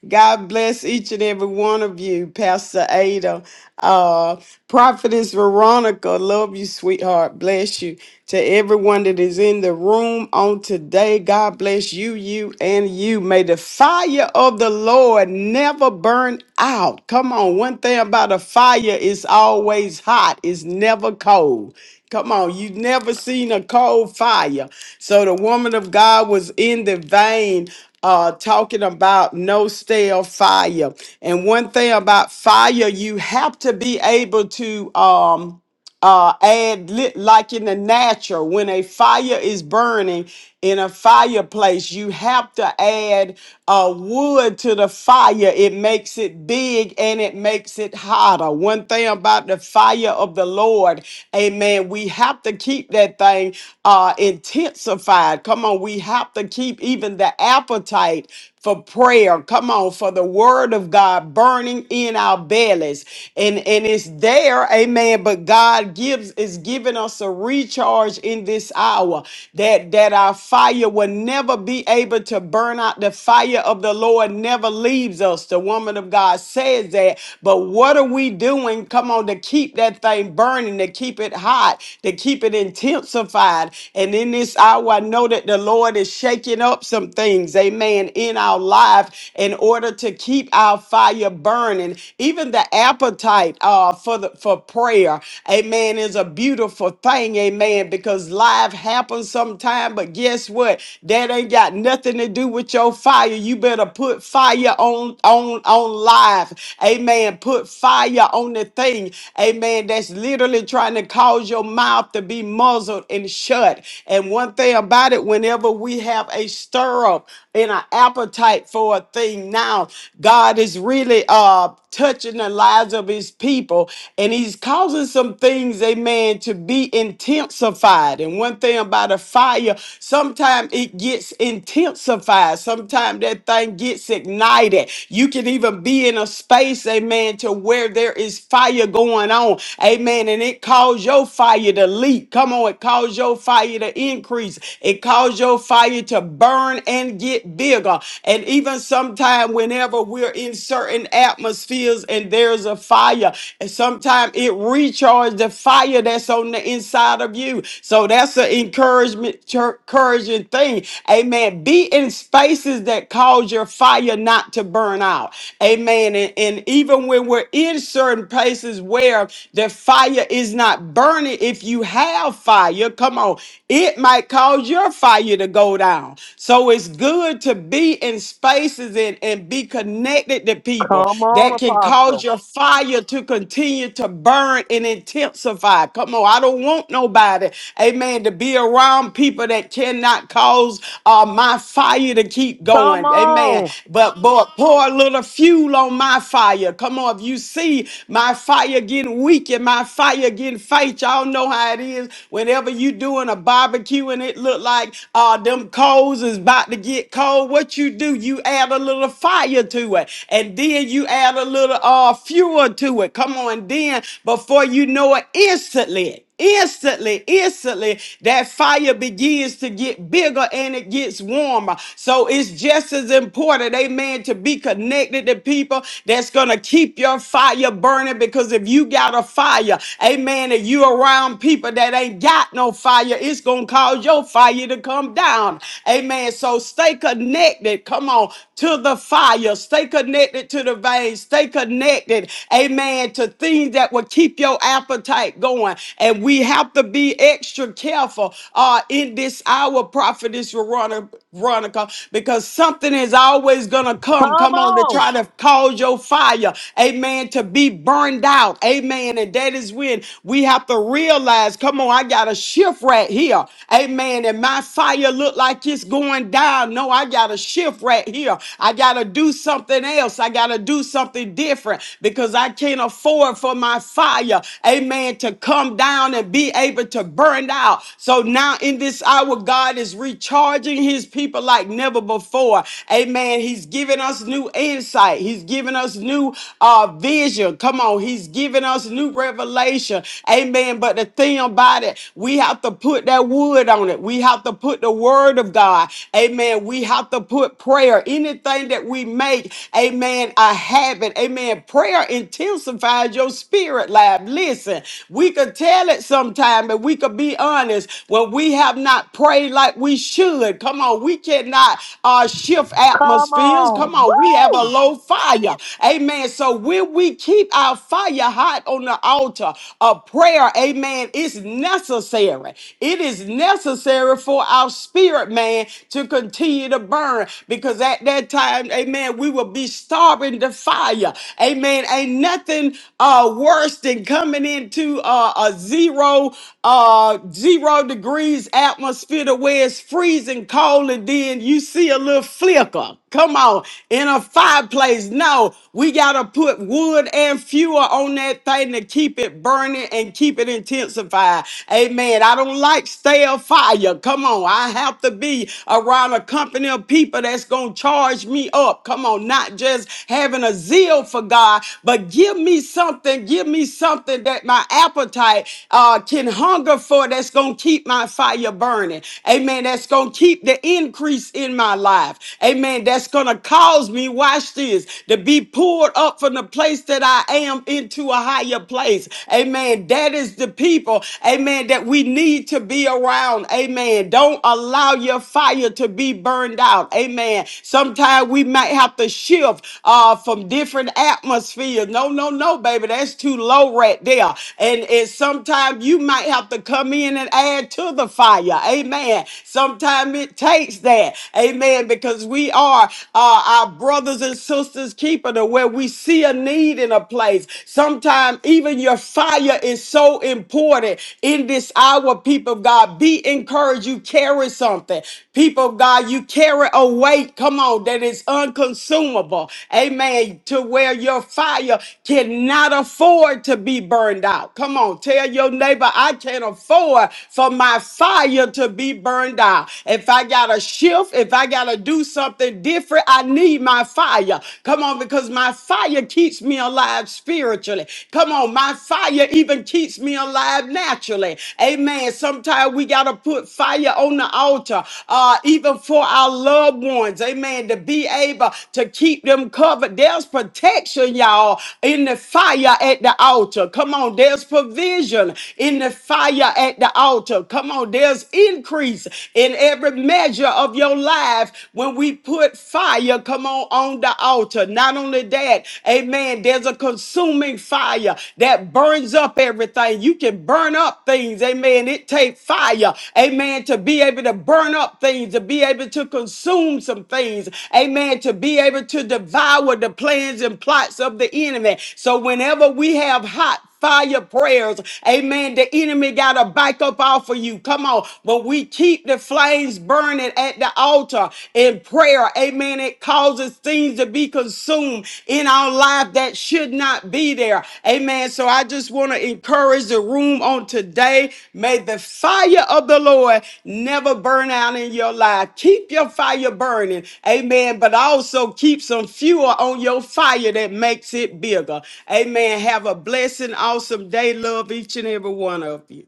[SPEAKER 5] God bless each and every one of you, Pastor Ada, uh, Prophetess Veronica. Love you, sweetheart. Bless you. To everyone that is in the room on today, God bless you, you, and you. May the fire of the Lord never burn out. Come on, one thing about a fire, it's always hot, it's never cold. Come on, you've never seen a cold fire. So the woman of God was in the vein uh talking about no stale fire. And one thing about fire, you have to be able to um uh, add lit like in the natural when a fire is burning in a fireplace you have to add uh, wood to the fire it makes it big and it makes it hotter one thing about the fire of the lord amen we have to keep that thing uh, intensified come on we have to keep even the appetite for prayer come on for the word of god burning in our bellies and and it's there, amen. But God gives is giving us a recharge in this hour that that our fire will never be able to burn out. The fire of the Lord never leaves us. The woman of God says that. But what are we doing? Come on, to keep that thing burning, to keep it hot, to keep it intensified. And in this hour, I know that the Lord is shaking up some things, amen, in our life in order to keep our fire burning. Even even the appetite uh, for the for prayer, amen, is a beautiful thing, amen, because life happens sometime, but guess what? That ain't got nothing to do with your fire. You better put fire on on on life, amen. Put fire on the thing, amen, that's literally trying to cause your mouth to be muzzled and shut. And one thing about it, whenever we have a stirrup and an appetite for a thing now, God is is really uh touching the lives of his people and he's causing some things amen to be intensified and one thing about a fire sometimes it gets intensified sometimes that thing gets ignited you can even be in a space amen to where there is fire going on amen and it calls your fire to leap come on it calls your fire to increase it calls your fire to burn and get bigger and even some sometimes whenever we're in certain atmospheres and there's a fire, and sometimes it recharges the fire that's on the inside of you. So that's an encouragement, chur- encouraging thing. Amen. Be in spaces that cause your fire not to burn out. Amen. And, and even when we're in certain places where the fire is not burning, if you have fire, come on, it might cause your fire to go down. So it's good good to be in spaces and, and be connected to people
[SPEAKER 3] Come on,
[SPEAKER 5] that can cause
[SPEAKER 3] Apostle.
[SPEAKER 5] your fire to continue to burn and intensify. Come on, I don't want nobody, amen, to be around people that cannot cause uh, my fire to keep
[SPEAKER 3] Come
[SPEAKER 5] going. Amen.
[SPEAKER 3] on.
[SPEAKER 5] But, but pour a little fuel on my fire. Come on, if you see my fire getting weak and my fire getting faint, y'all know how it is. Whenever you doing a barbecue and it look like uh, them coals is about to get cold, what you do, you add a little fire to it. And then you add a little uh, fuel to it. Come on, then before you know it, instantly, instantly, instantly, that fire begins to get bigger and it gets warmer. So it's just as important, amen, to be connected to people that's going to keep your fire burning because if you got a fire, amen, and you around people that ain't got no fire, it's going to going to cause your fire to come down. Amen. So stay connected. Come on. To the fire. Stay connected to the veins. Stay connected. Amen. To things that will keep your appetite going. And we have to be extra careful uh, in this hour, prophetess Veronica, Veronica, because something is always going to
[SPEAKER 3] Come
[SPEAKER 5] come. Come on to
[SPEAKER 3] on.
[SPEAKER 5] try to cause your fire. Amen. To be burned out. Amen. And that is when we have to realize, come on no, I got a shift right here. Amen. And my fire look like it's going down. No, I got a shift right here. I got to do something else. I got to do something different because I can't afford for my fire, amen, to come down and be able to burn out. So now in this hour, God is recharging his people like never before. Amen. He's giving us new insight. He's giving us new uh, vision. Come on. He's giving us new revelation. Amen. But the thing about it, we have to put that wood on it. We have to put the word of God. Amen. We have to put prayer. Anything that we make, amen, a habit. Amen. Prayer intensifies your spirit life. Listen, we could tell it sometime, and we could be honest. When we have not prayed like we should, come on, we cannot uh, shift
[SPEAKER 3] Come
[SPEAKER 5] atmospheres.
[SPEAKER 3] on.
[SPEAKER 5] Come on, we have a
[SPEAKER 3] Woo!
[SPEAKER 5] low fire. Amen. So will we keep our fire? hot on the altar of prayer, amen, is necessary. It is necessary for our spirit man to continue to burn because at that time, amen, we will be starving the fire. Amen. Ain't nothing uh, worse than coming into uh, a zero, uh, zero degrees atmosphere to where it's freezing cold and then you see a little flicker. Come on. In a fireplace. No, we got to put wood and fuel on that thing to keep it burning and keep it intensified. Amen. I don't like stale fire. Come on. I have to be around a company of people that's going to charge me up. Come on. Not just having a zeal for God, but give me something. Give me something that my appetite uh, can hunger for that's going to keep my fire burning. Amen. That's going to keep the increase in my life life. Amen. That's going to cause me, watch this, to be pulled up from the place that I am into a higher place. Amen. That is the people, amen, that we need to be around. Amen. Don't allow your fire to be burned out. Amen. Sometimes we might have to shift uh, from different atmospheres. No, no, no, baby. That's too low right there. And, and sometimes you might have to come in and add to the fire. Amen. Sometimes it takes fix that. Amen. Because we are uh, our brothers and sisters keeper to where we see a need in a place. Sometimes even your fire is so important in this hour, people of God. Be encouraged. You carry something. People of God, you carry a weight, come on, that is unconsumable. Amen. To where your fire cannot afford to be burned out. Come on, tell your neighbor, I can't afford for my fire to be burned out. God. If I gotta shift, if I gotta do something different, I need my fire. Come on, because my fire keeps me alive spiritually. Come on, my fire even keeps me alive naturally. Amen. Sometimes we gotta put fire on the altar, uh, even for our loved ones. Amen. To be able to keep them covered. There's protection, y'all, in the fire at the altar. Come on, there's provision in the fire at the altar. Come on, there's increase in every measure of your life when we put fire, come on, on the altar. Not only that, amen, there's a consuming fire that burns up everything. You can burn up things, amen. It takes fire, amen, to be able to burn up things, to be able to consume some things, amen, to be able to devour the plans and plots of the enemy. So whenever we have hot fire prayers. Amen. The enemy got to back up off of you. Come on. But we keep the flames burning at the altar in prayer. Amen. It causes things to be consumed in our life that should not be there. Amen. So I just want to encourage the room on today. May the fire of the Lord never burn out in your life. Keep your fire burning. Amen. But also keep some fuel on your fire that makes it bigger. Amen. Have a blessed, awesome day. Love each and every one of you.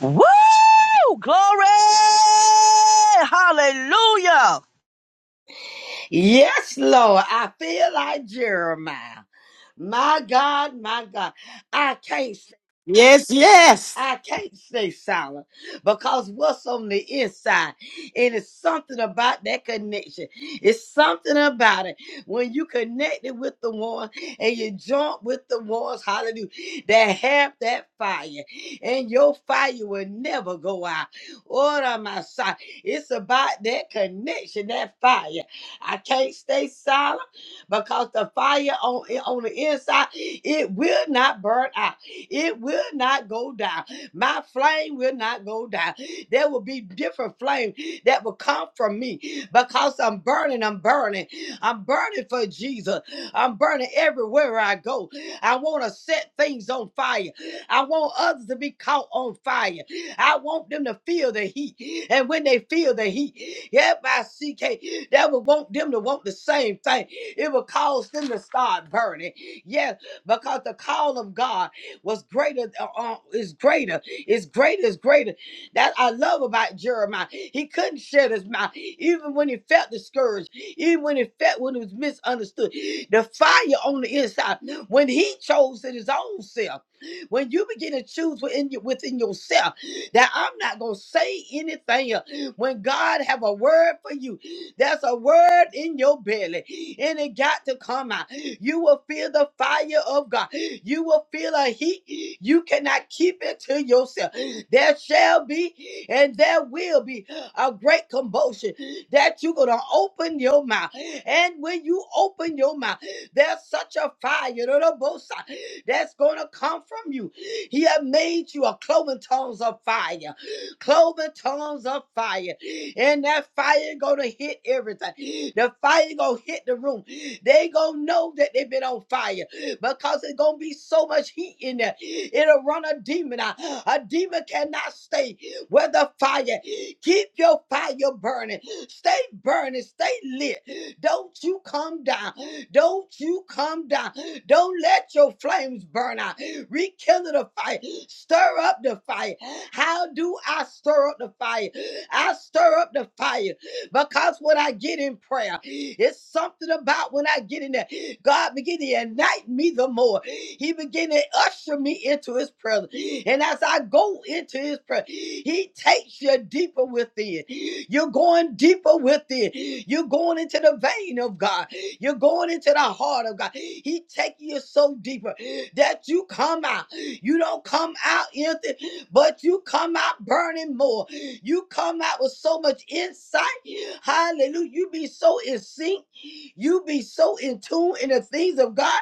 [SPEAKER 3] Woo! Glory! Hallelujah!
[SPEAKER 2] Yes, Lord. I feel like Jeremiah. My God, my God. I can't
[SPEAKER 5] Yes, yes.
[SPEAKER 2] I can't stay silent because what's on the inside? It is something about that connection. It's something about it. When you connected with the one and you joint with the ones, hallelujah, that have that fire. And your fire will never go out. What am I saying? It's about that connection, that fire. I can't stay silent because the fire on, on the inside, it will not burn out. It will not go down my flame will not go down. There will be different flame that will come from me because I'm burning, I'm burning. I'm burning for Jesus. I'm burning everywhere I go. I want to set things on fire. I want others to be caught on fire. I want them to feel the heat. And when they feel the heat, yep, I see. K. that would want them to want the same thing. It will cause them to start burning. Yes, because the call of God was greater uh, uh, is greater. Is greater, it's greater. That I love about Jeremiah. He couldn't shut his mouth, even when he felt discouraged, even when he felt when he was misunderstood. The fire on the inside, when he chose it his own self, when you begin to choose within, your- within yourself that I'm not going to say anything else. When God have a word for you, that's a word in your belly, and it got to come out. You will feel the fire of God. You will feel a heat. You cannot keep it to yourself. There shall be and there will be a great commotion that you're going to open your mouth. And when you open your mouth, there's such a fire that's going to come from you. He had made you a cloven tongues of fire cloven tongues of fire. And that fire gonna hit everything. The fire gonna hit the room. They gonna know that they've been on fire because it's gonna be so much heat in there. It'll run a demon out. A demon cannot stay with the fire. Keep your fire burning. Stay burning. Stay lit. Don't you come down. Don't you come down. Don't let your flames burn out. Rekindle the fire. Stir up the fire. How do I stir up the fire? I stir up the fire because when I get in prayer, it's something about when I get in there. God begin to unite me the more. He begin to usher me into his presence. And as I go into his presence, he takes you deeper within. You're going deeper within. You're going into the vein of God. You're going into the heart of God. He takes you so deeper that you come out. You don't come out empty, but you come out burning more. You come out with so much insight. Hallelujah. You be so in sync. You be so in tune in the things of God.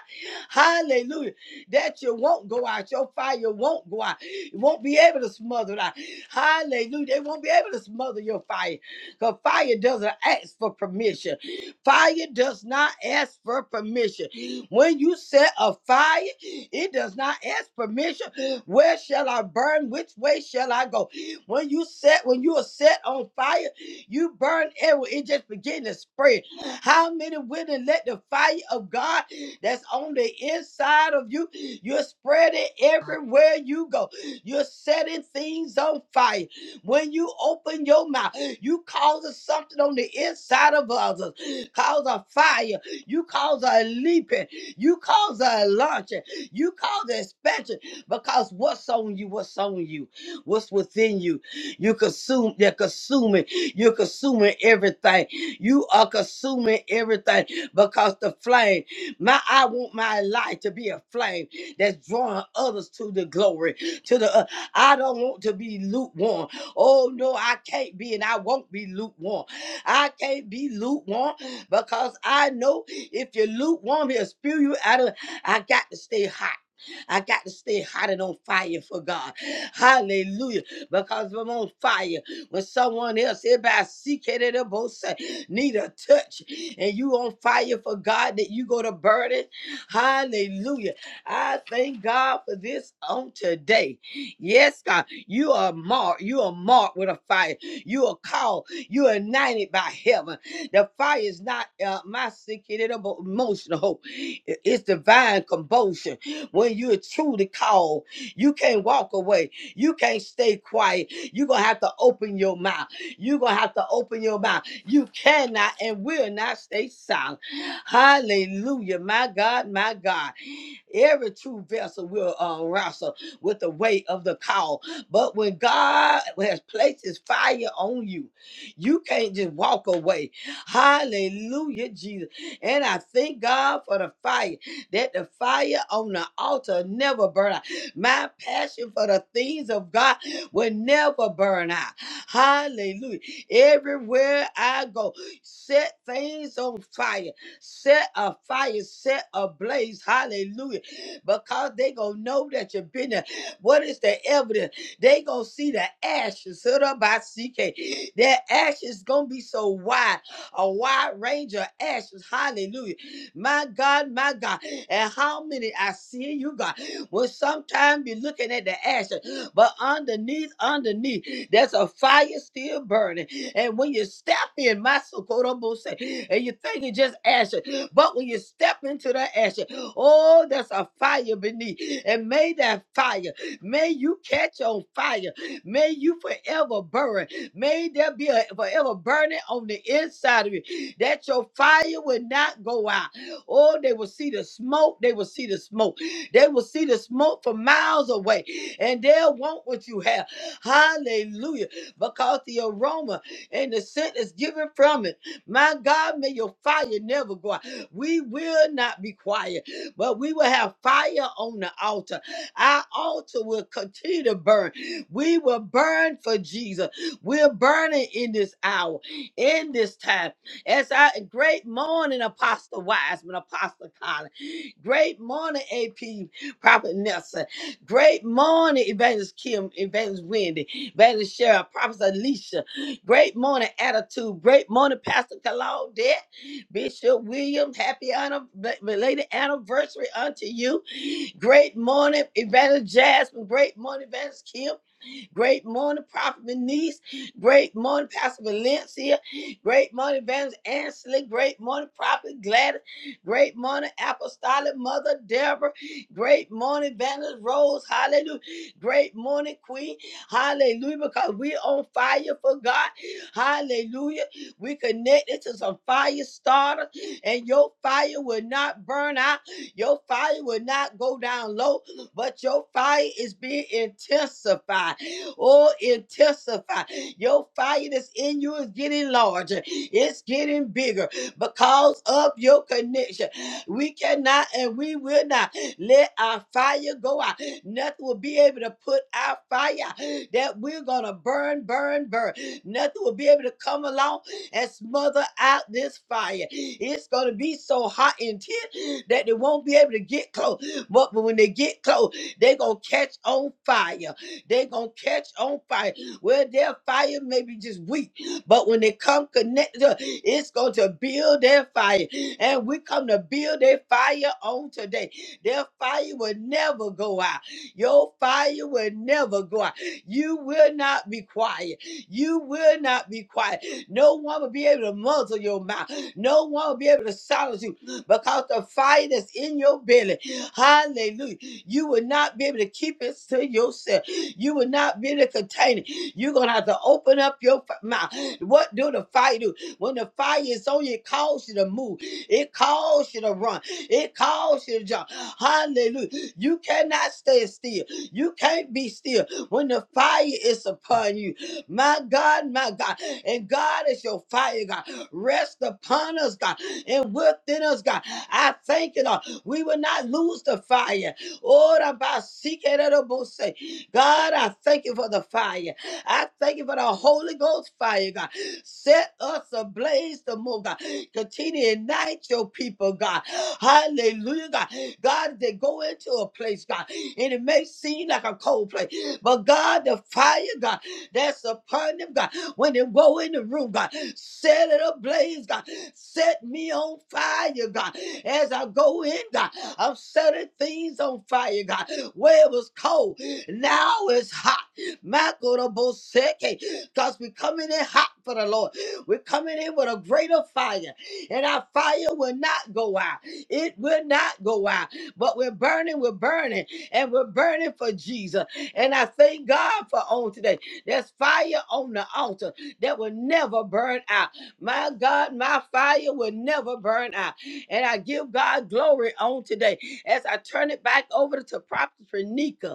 [SPEAKER 2] Hallelujah. That you won't go out. Your fire won't go out. You won't be able to smother it out. Hallelujah. They won't be able to smother your fire. Because fire doesn't ask for permission. Fire does not ask for permission. When you set a fire, it does not ask permission. Where shall I burn? Which way shall I go? When you set, when you are set on fire, you burn everywhere. It just begin to spread. How many women let the fire of God that's on the inside of you? You're spreading everywhere you go. You're setting things on fire. When you open your mouth, you causing something on the inside of others. Cause a fire. You cause a leaping. You caused the launch. You caused the expansion because what's on you, what's on you, what's within you. You consume, you're consuming, you're consuming everything. You are consuming everything because the flame. My I want my life to be a flame that's drawing others to the glory. To the uh, I don't want to be lukewarm. Oh no, I can't be, and I won't be lukewarm. I can't be lukewarm because I know if you're lukewarm, he'll spew you out of. I got to stay hot. I got to stay hot and on fire for God. Hallelujah. Because if I'm on fire, when someone else, everybody seek it at a both side, need a touch, and you on fire for God that you go to burn it. Hallelujah. I thank God for this on today. Yes, God, you are marked. You are marked with a fire. You are called. You are anointed by heaven. The fire is not uh, my secret emotional. It- It's divine compulsion. When you're truly called, you can't walk away. You can't stay quiet. You're gonna have to open your mouth. You're gonna have to open your mouth. You cannot and will not stay silent. Hallelujah, my God, my God. Every true vessel will uh, wrestle with the weight of the call. But when God has placed his fire on you, you can't just walk away. Hallelujah, Jesus. And I thank God for the fire, that the fire on the altar never burn out. My passion for the things of God will never burn out. Hallelujah. Everywhere I go, set things on fire set a fire, set a blaze, Hallelujah. Because they gonna know that you've been there. What is the evidence? They gonna see the ashes. Hood up by CK. That ashes gonna be so wide, a wide range of ashes. Hallelujah. My God, my God. And how many I see you, God. Well, sometimes you're looking at the ashes but underneath, underneath, there's a fire still burning. And when you step in, my Socorro say, and you think it's just ashes, but when you step into the ashes, oh, there's a fire beneath. And may that fire, may you catch on fire. May you forever burn. May there be a forever burning on the inside of you. That your fire will not go out. Oh, they will see the smoke. They will see the smoke. They will see the smoke from miles away and they'll want what you have. Hallelujah. Because the aroma and the scent is given from it. My God, may your fire never go out. We will not be quiet, but we will have fire on the altar. Our altar will continue to burn. We will burn for Jesus. We're burning in this hour, in this time. As our great morning, Apostle Wiseman, Apostle Collins. Great morning, AP Prophet Nelson. Great morning, Evangelist Kim, Evangelist Wendy, Evangelist Cheryl, Prophet Alicia. Great morning, Attitude. Great morning, Pastor Claudette, Bishop William. Happy anniv- belated anniversary unto you. Great morning, Evangelist Jasmine. Great morning, Evangelist Kim. Great morning, Prophet Denise. Great morning, Pastor Valencia. Great morning, Evangelist Ansley. Great morning, Prophet Gladys. Great morning, Apostolic Mother Deborah. Great morning, Evangelist Rose. Hallelujah. Great morning, Queen. Hallelujah. Because we're on fire for God. Hallelujah. We connected to some fire starter, and your fire will not burn out. Your fire will not go down low, but your fire is being intensified. Oh, intensify. Your fire that's in you is getting larger, it's getting bigger because of your connection. We cannot and we will not let our fire go out. Nothing will be able to put our fire out. that we're going to burn, burn, burn. Nothing will be able to come along and smother out this fire. It's going to be so hot and intense that they won't be able to get close. But when they get close, they're going to catch on fire. They're going to catch on fire. Well, their fire may be just weak, but when they come connected, it's going to build their fire. And we come to build their fire on today. Their fire will never go out. Your fire will never go out. You will not be quiet. You will not be quiet. No one will be able to muzzle your mouth. No one will be able to silence you because the fire that's in your belly, hallelujah, you will not be able to keep it to yourself. You will not be in a container. You're going to have to open up your f- mouth. What do the fire do? When the fire is on you, it calls you to move. It calls you to run. It calls you to jump. Hallelujah. You cannot stay still. You can't be still when the fire is upon you. My God, my God. And God is your fire, God. Rest upon us, God, and within us, God. I thank you, Lord. We will not lose the fire. Ora ba si ke re se. God, I thank you for the fire. I thank you for the Holy Ghost fire, God. Set us ablaze the more, God. Continue to ignite your people, God. Hallelujah, God. God, they go into a place, God, and it may seem like a cold place, but God, the fire, God, that's upon them, God. When they go in the room, God, set it ablaze, God. Set me on fire, God. As I go in, God, I'm setting things on fire, God. Where it was cold. Now it's hot. Makoroboseke. Because we're coming in hot for the Lord. We're coming in with a greater fire. And our fire will not go out. It will not go out. But we're burning, we're burning, and we're burning for Jesus. And I thank God for on today. There's fire on the altar that will never burn out. My God, my fire will never burn out. And I give God glory on today as I turn it back over to Prophet Nika.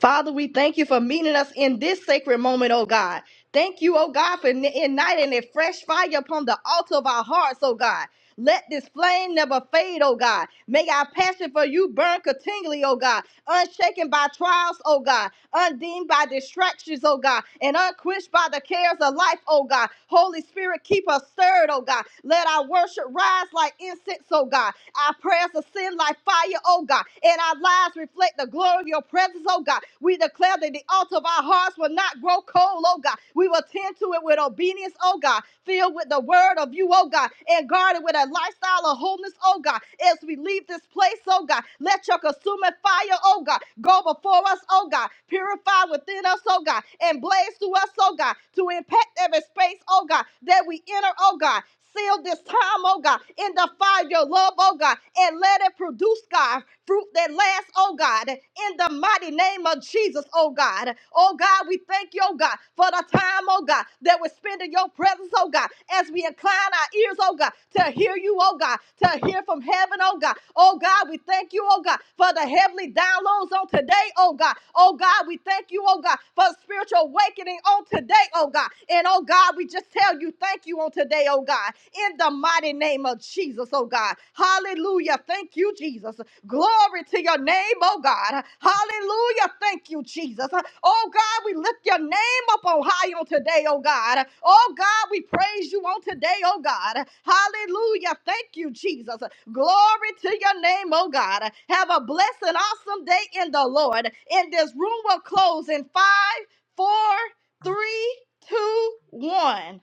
[SPEAKER 1] Father, we thank you for meeting us in this sacred moment, oh God. Thank you, oh God, for ni- igniting a fresh fire upon the altar of our hearts, oh God. Let this flame never fade, oh God. May our passion for you burn continually, oh God. Unshaken by trials, oh God. Undeemed by distractions, oh God. And unquenched by the cares of life, oh God. Holy Spirit, keep us stirred, oh God. Let our worship rise like incense, oh God. Our prayers ascend like fire, oh God, and our lives reflect the glory of your presence, oh God. We declare that the altar of our hearts will not grow cold, oh God. We will tend to it with obedience, oh God, filled with the word of you, oh God, and guarded with a lifestyle of holiness, oh God. As we leave this place, oh God, let your consuming fire, oh God, go before us, oh God, purify within us, oh God, and blaze through us, oh God, to impact every space, oh God, that we enter, oh God. Seal this time, oh God, in the your love, oh God, and let it produce, God, fruit that lasts, oh God, in the mighty name of Jesus, oh God. Oh God, we thank you, oh God, for the time, oh God, that we spend in your presence, oh God, as we incline our ears, oh God, to hear you, oh God, to hear from heaven, oh God. Oh God, we thank you, oh God, for the heavenly downloads on today, oh God. Oh God, we thank you, oh God, for spiritual awakening on today, oh God. And oh oh God, we just tell you thank you on today, oh God, in the mighty name of Jesus, oh God. Hallelujah. Thank you, Jesus. Glory to your name, oh God. Hallelujah. Thank you, Jesus. Oh God, we lift your name up on high on today, oh God. Oh God, we praise you on today, oh God. Hallelujah. Thank you, Jesus. Glory to your name, oh God. Have a blessed and awesome day in the Lord. In this room will close in five, four, three, two, one.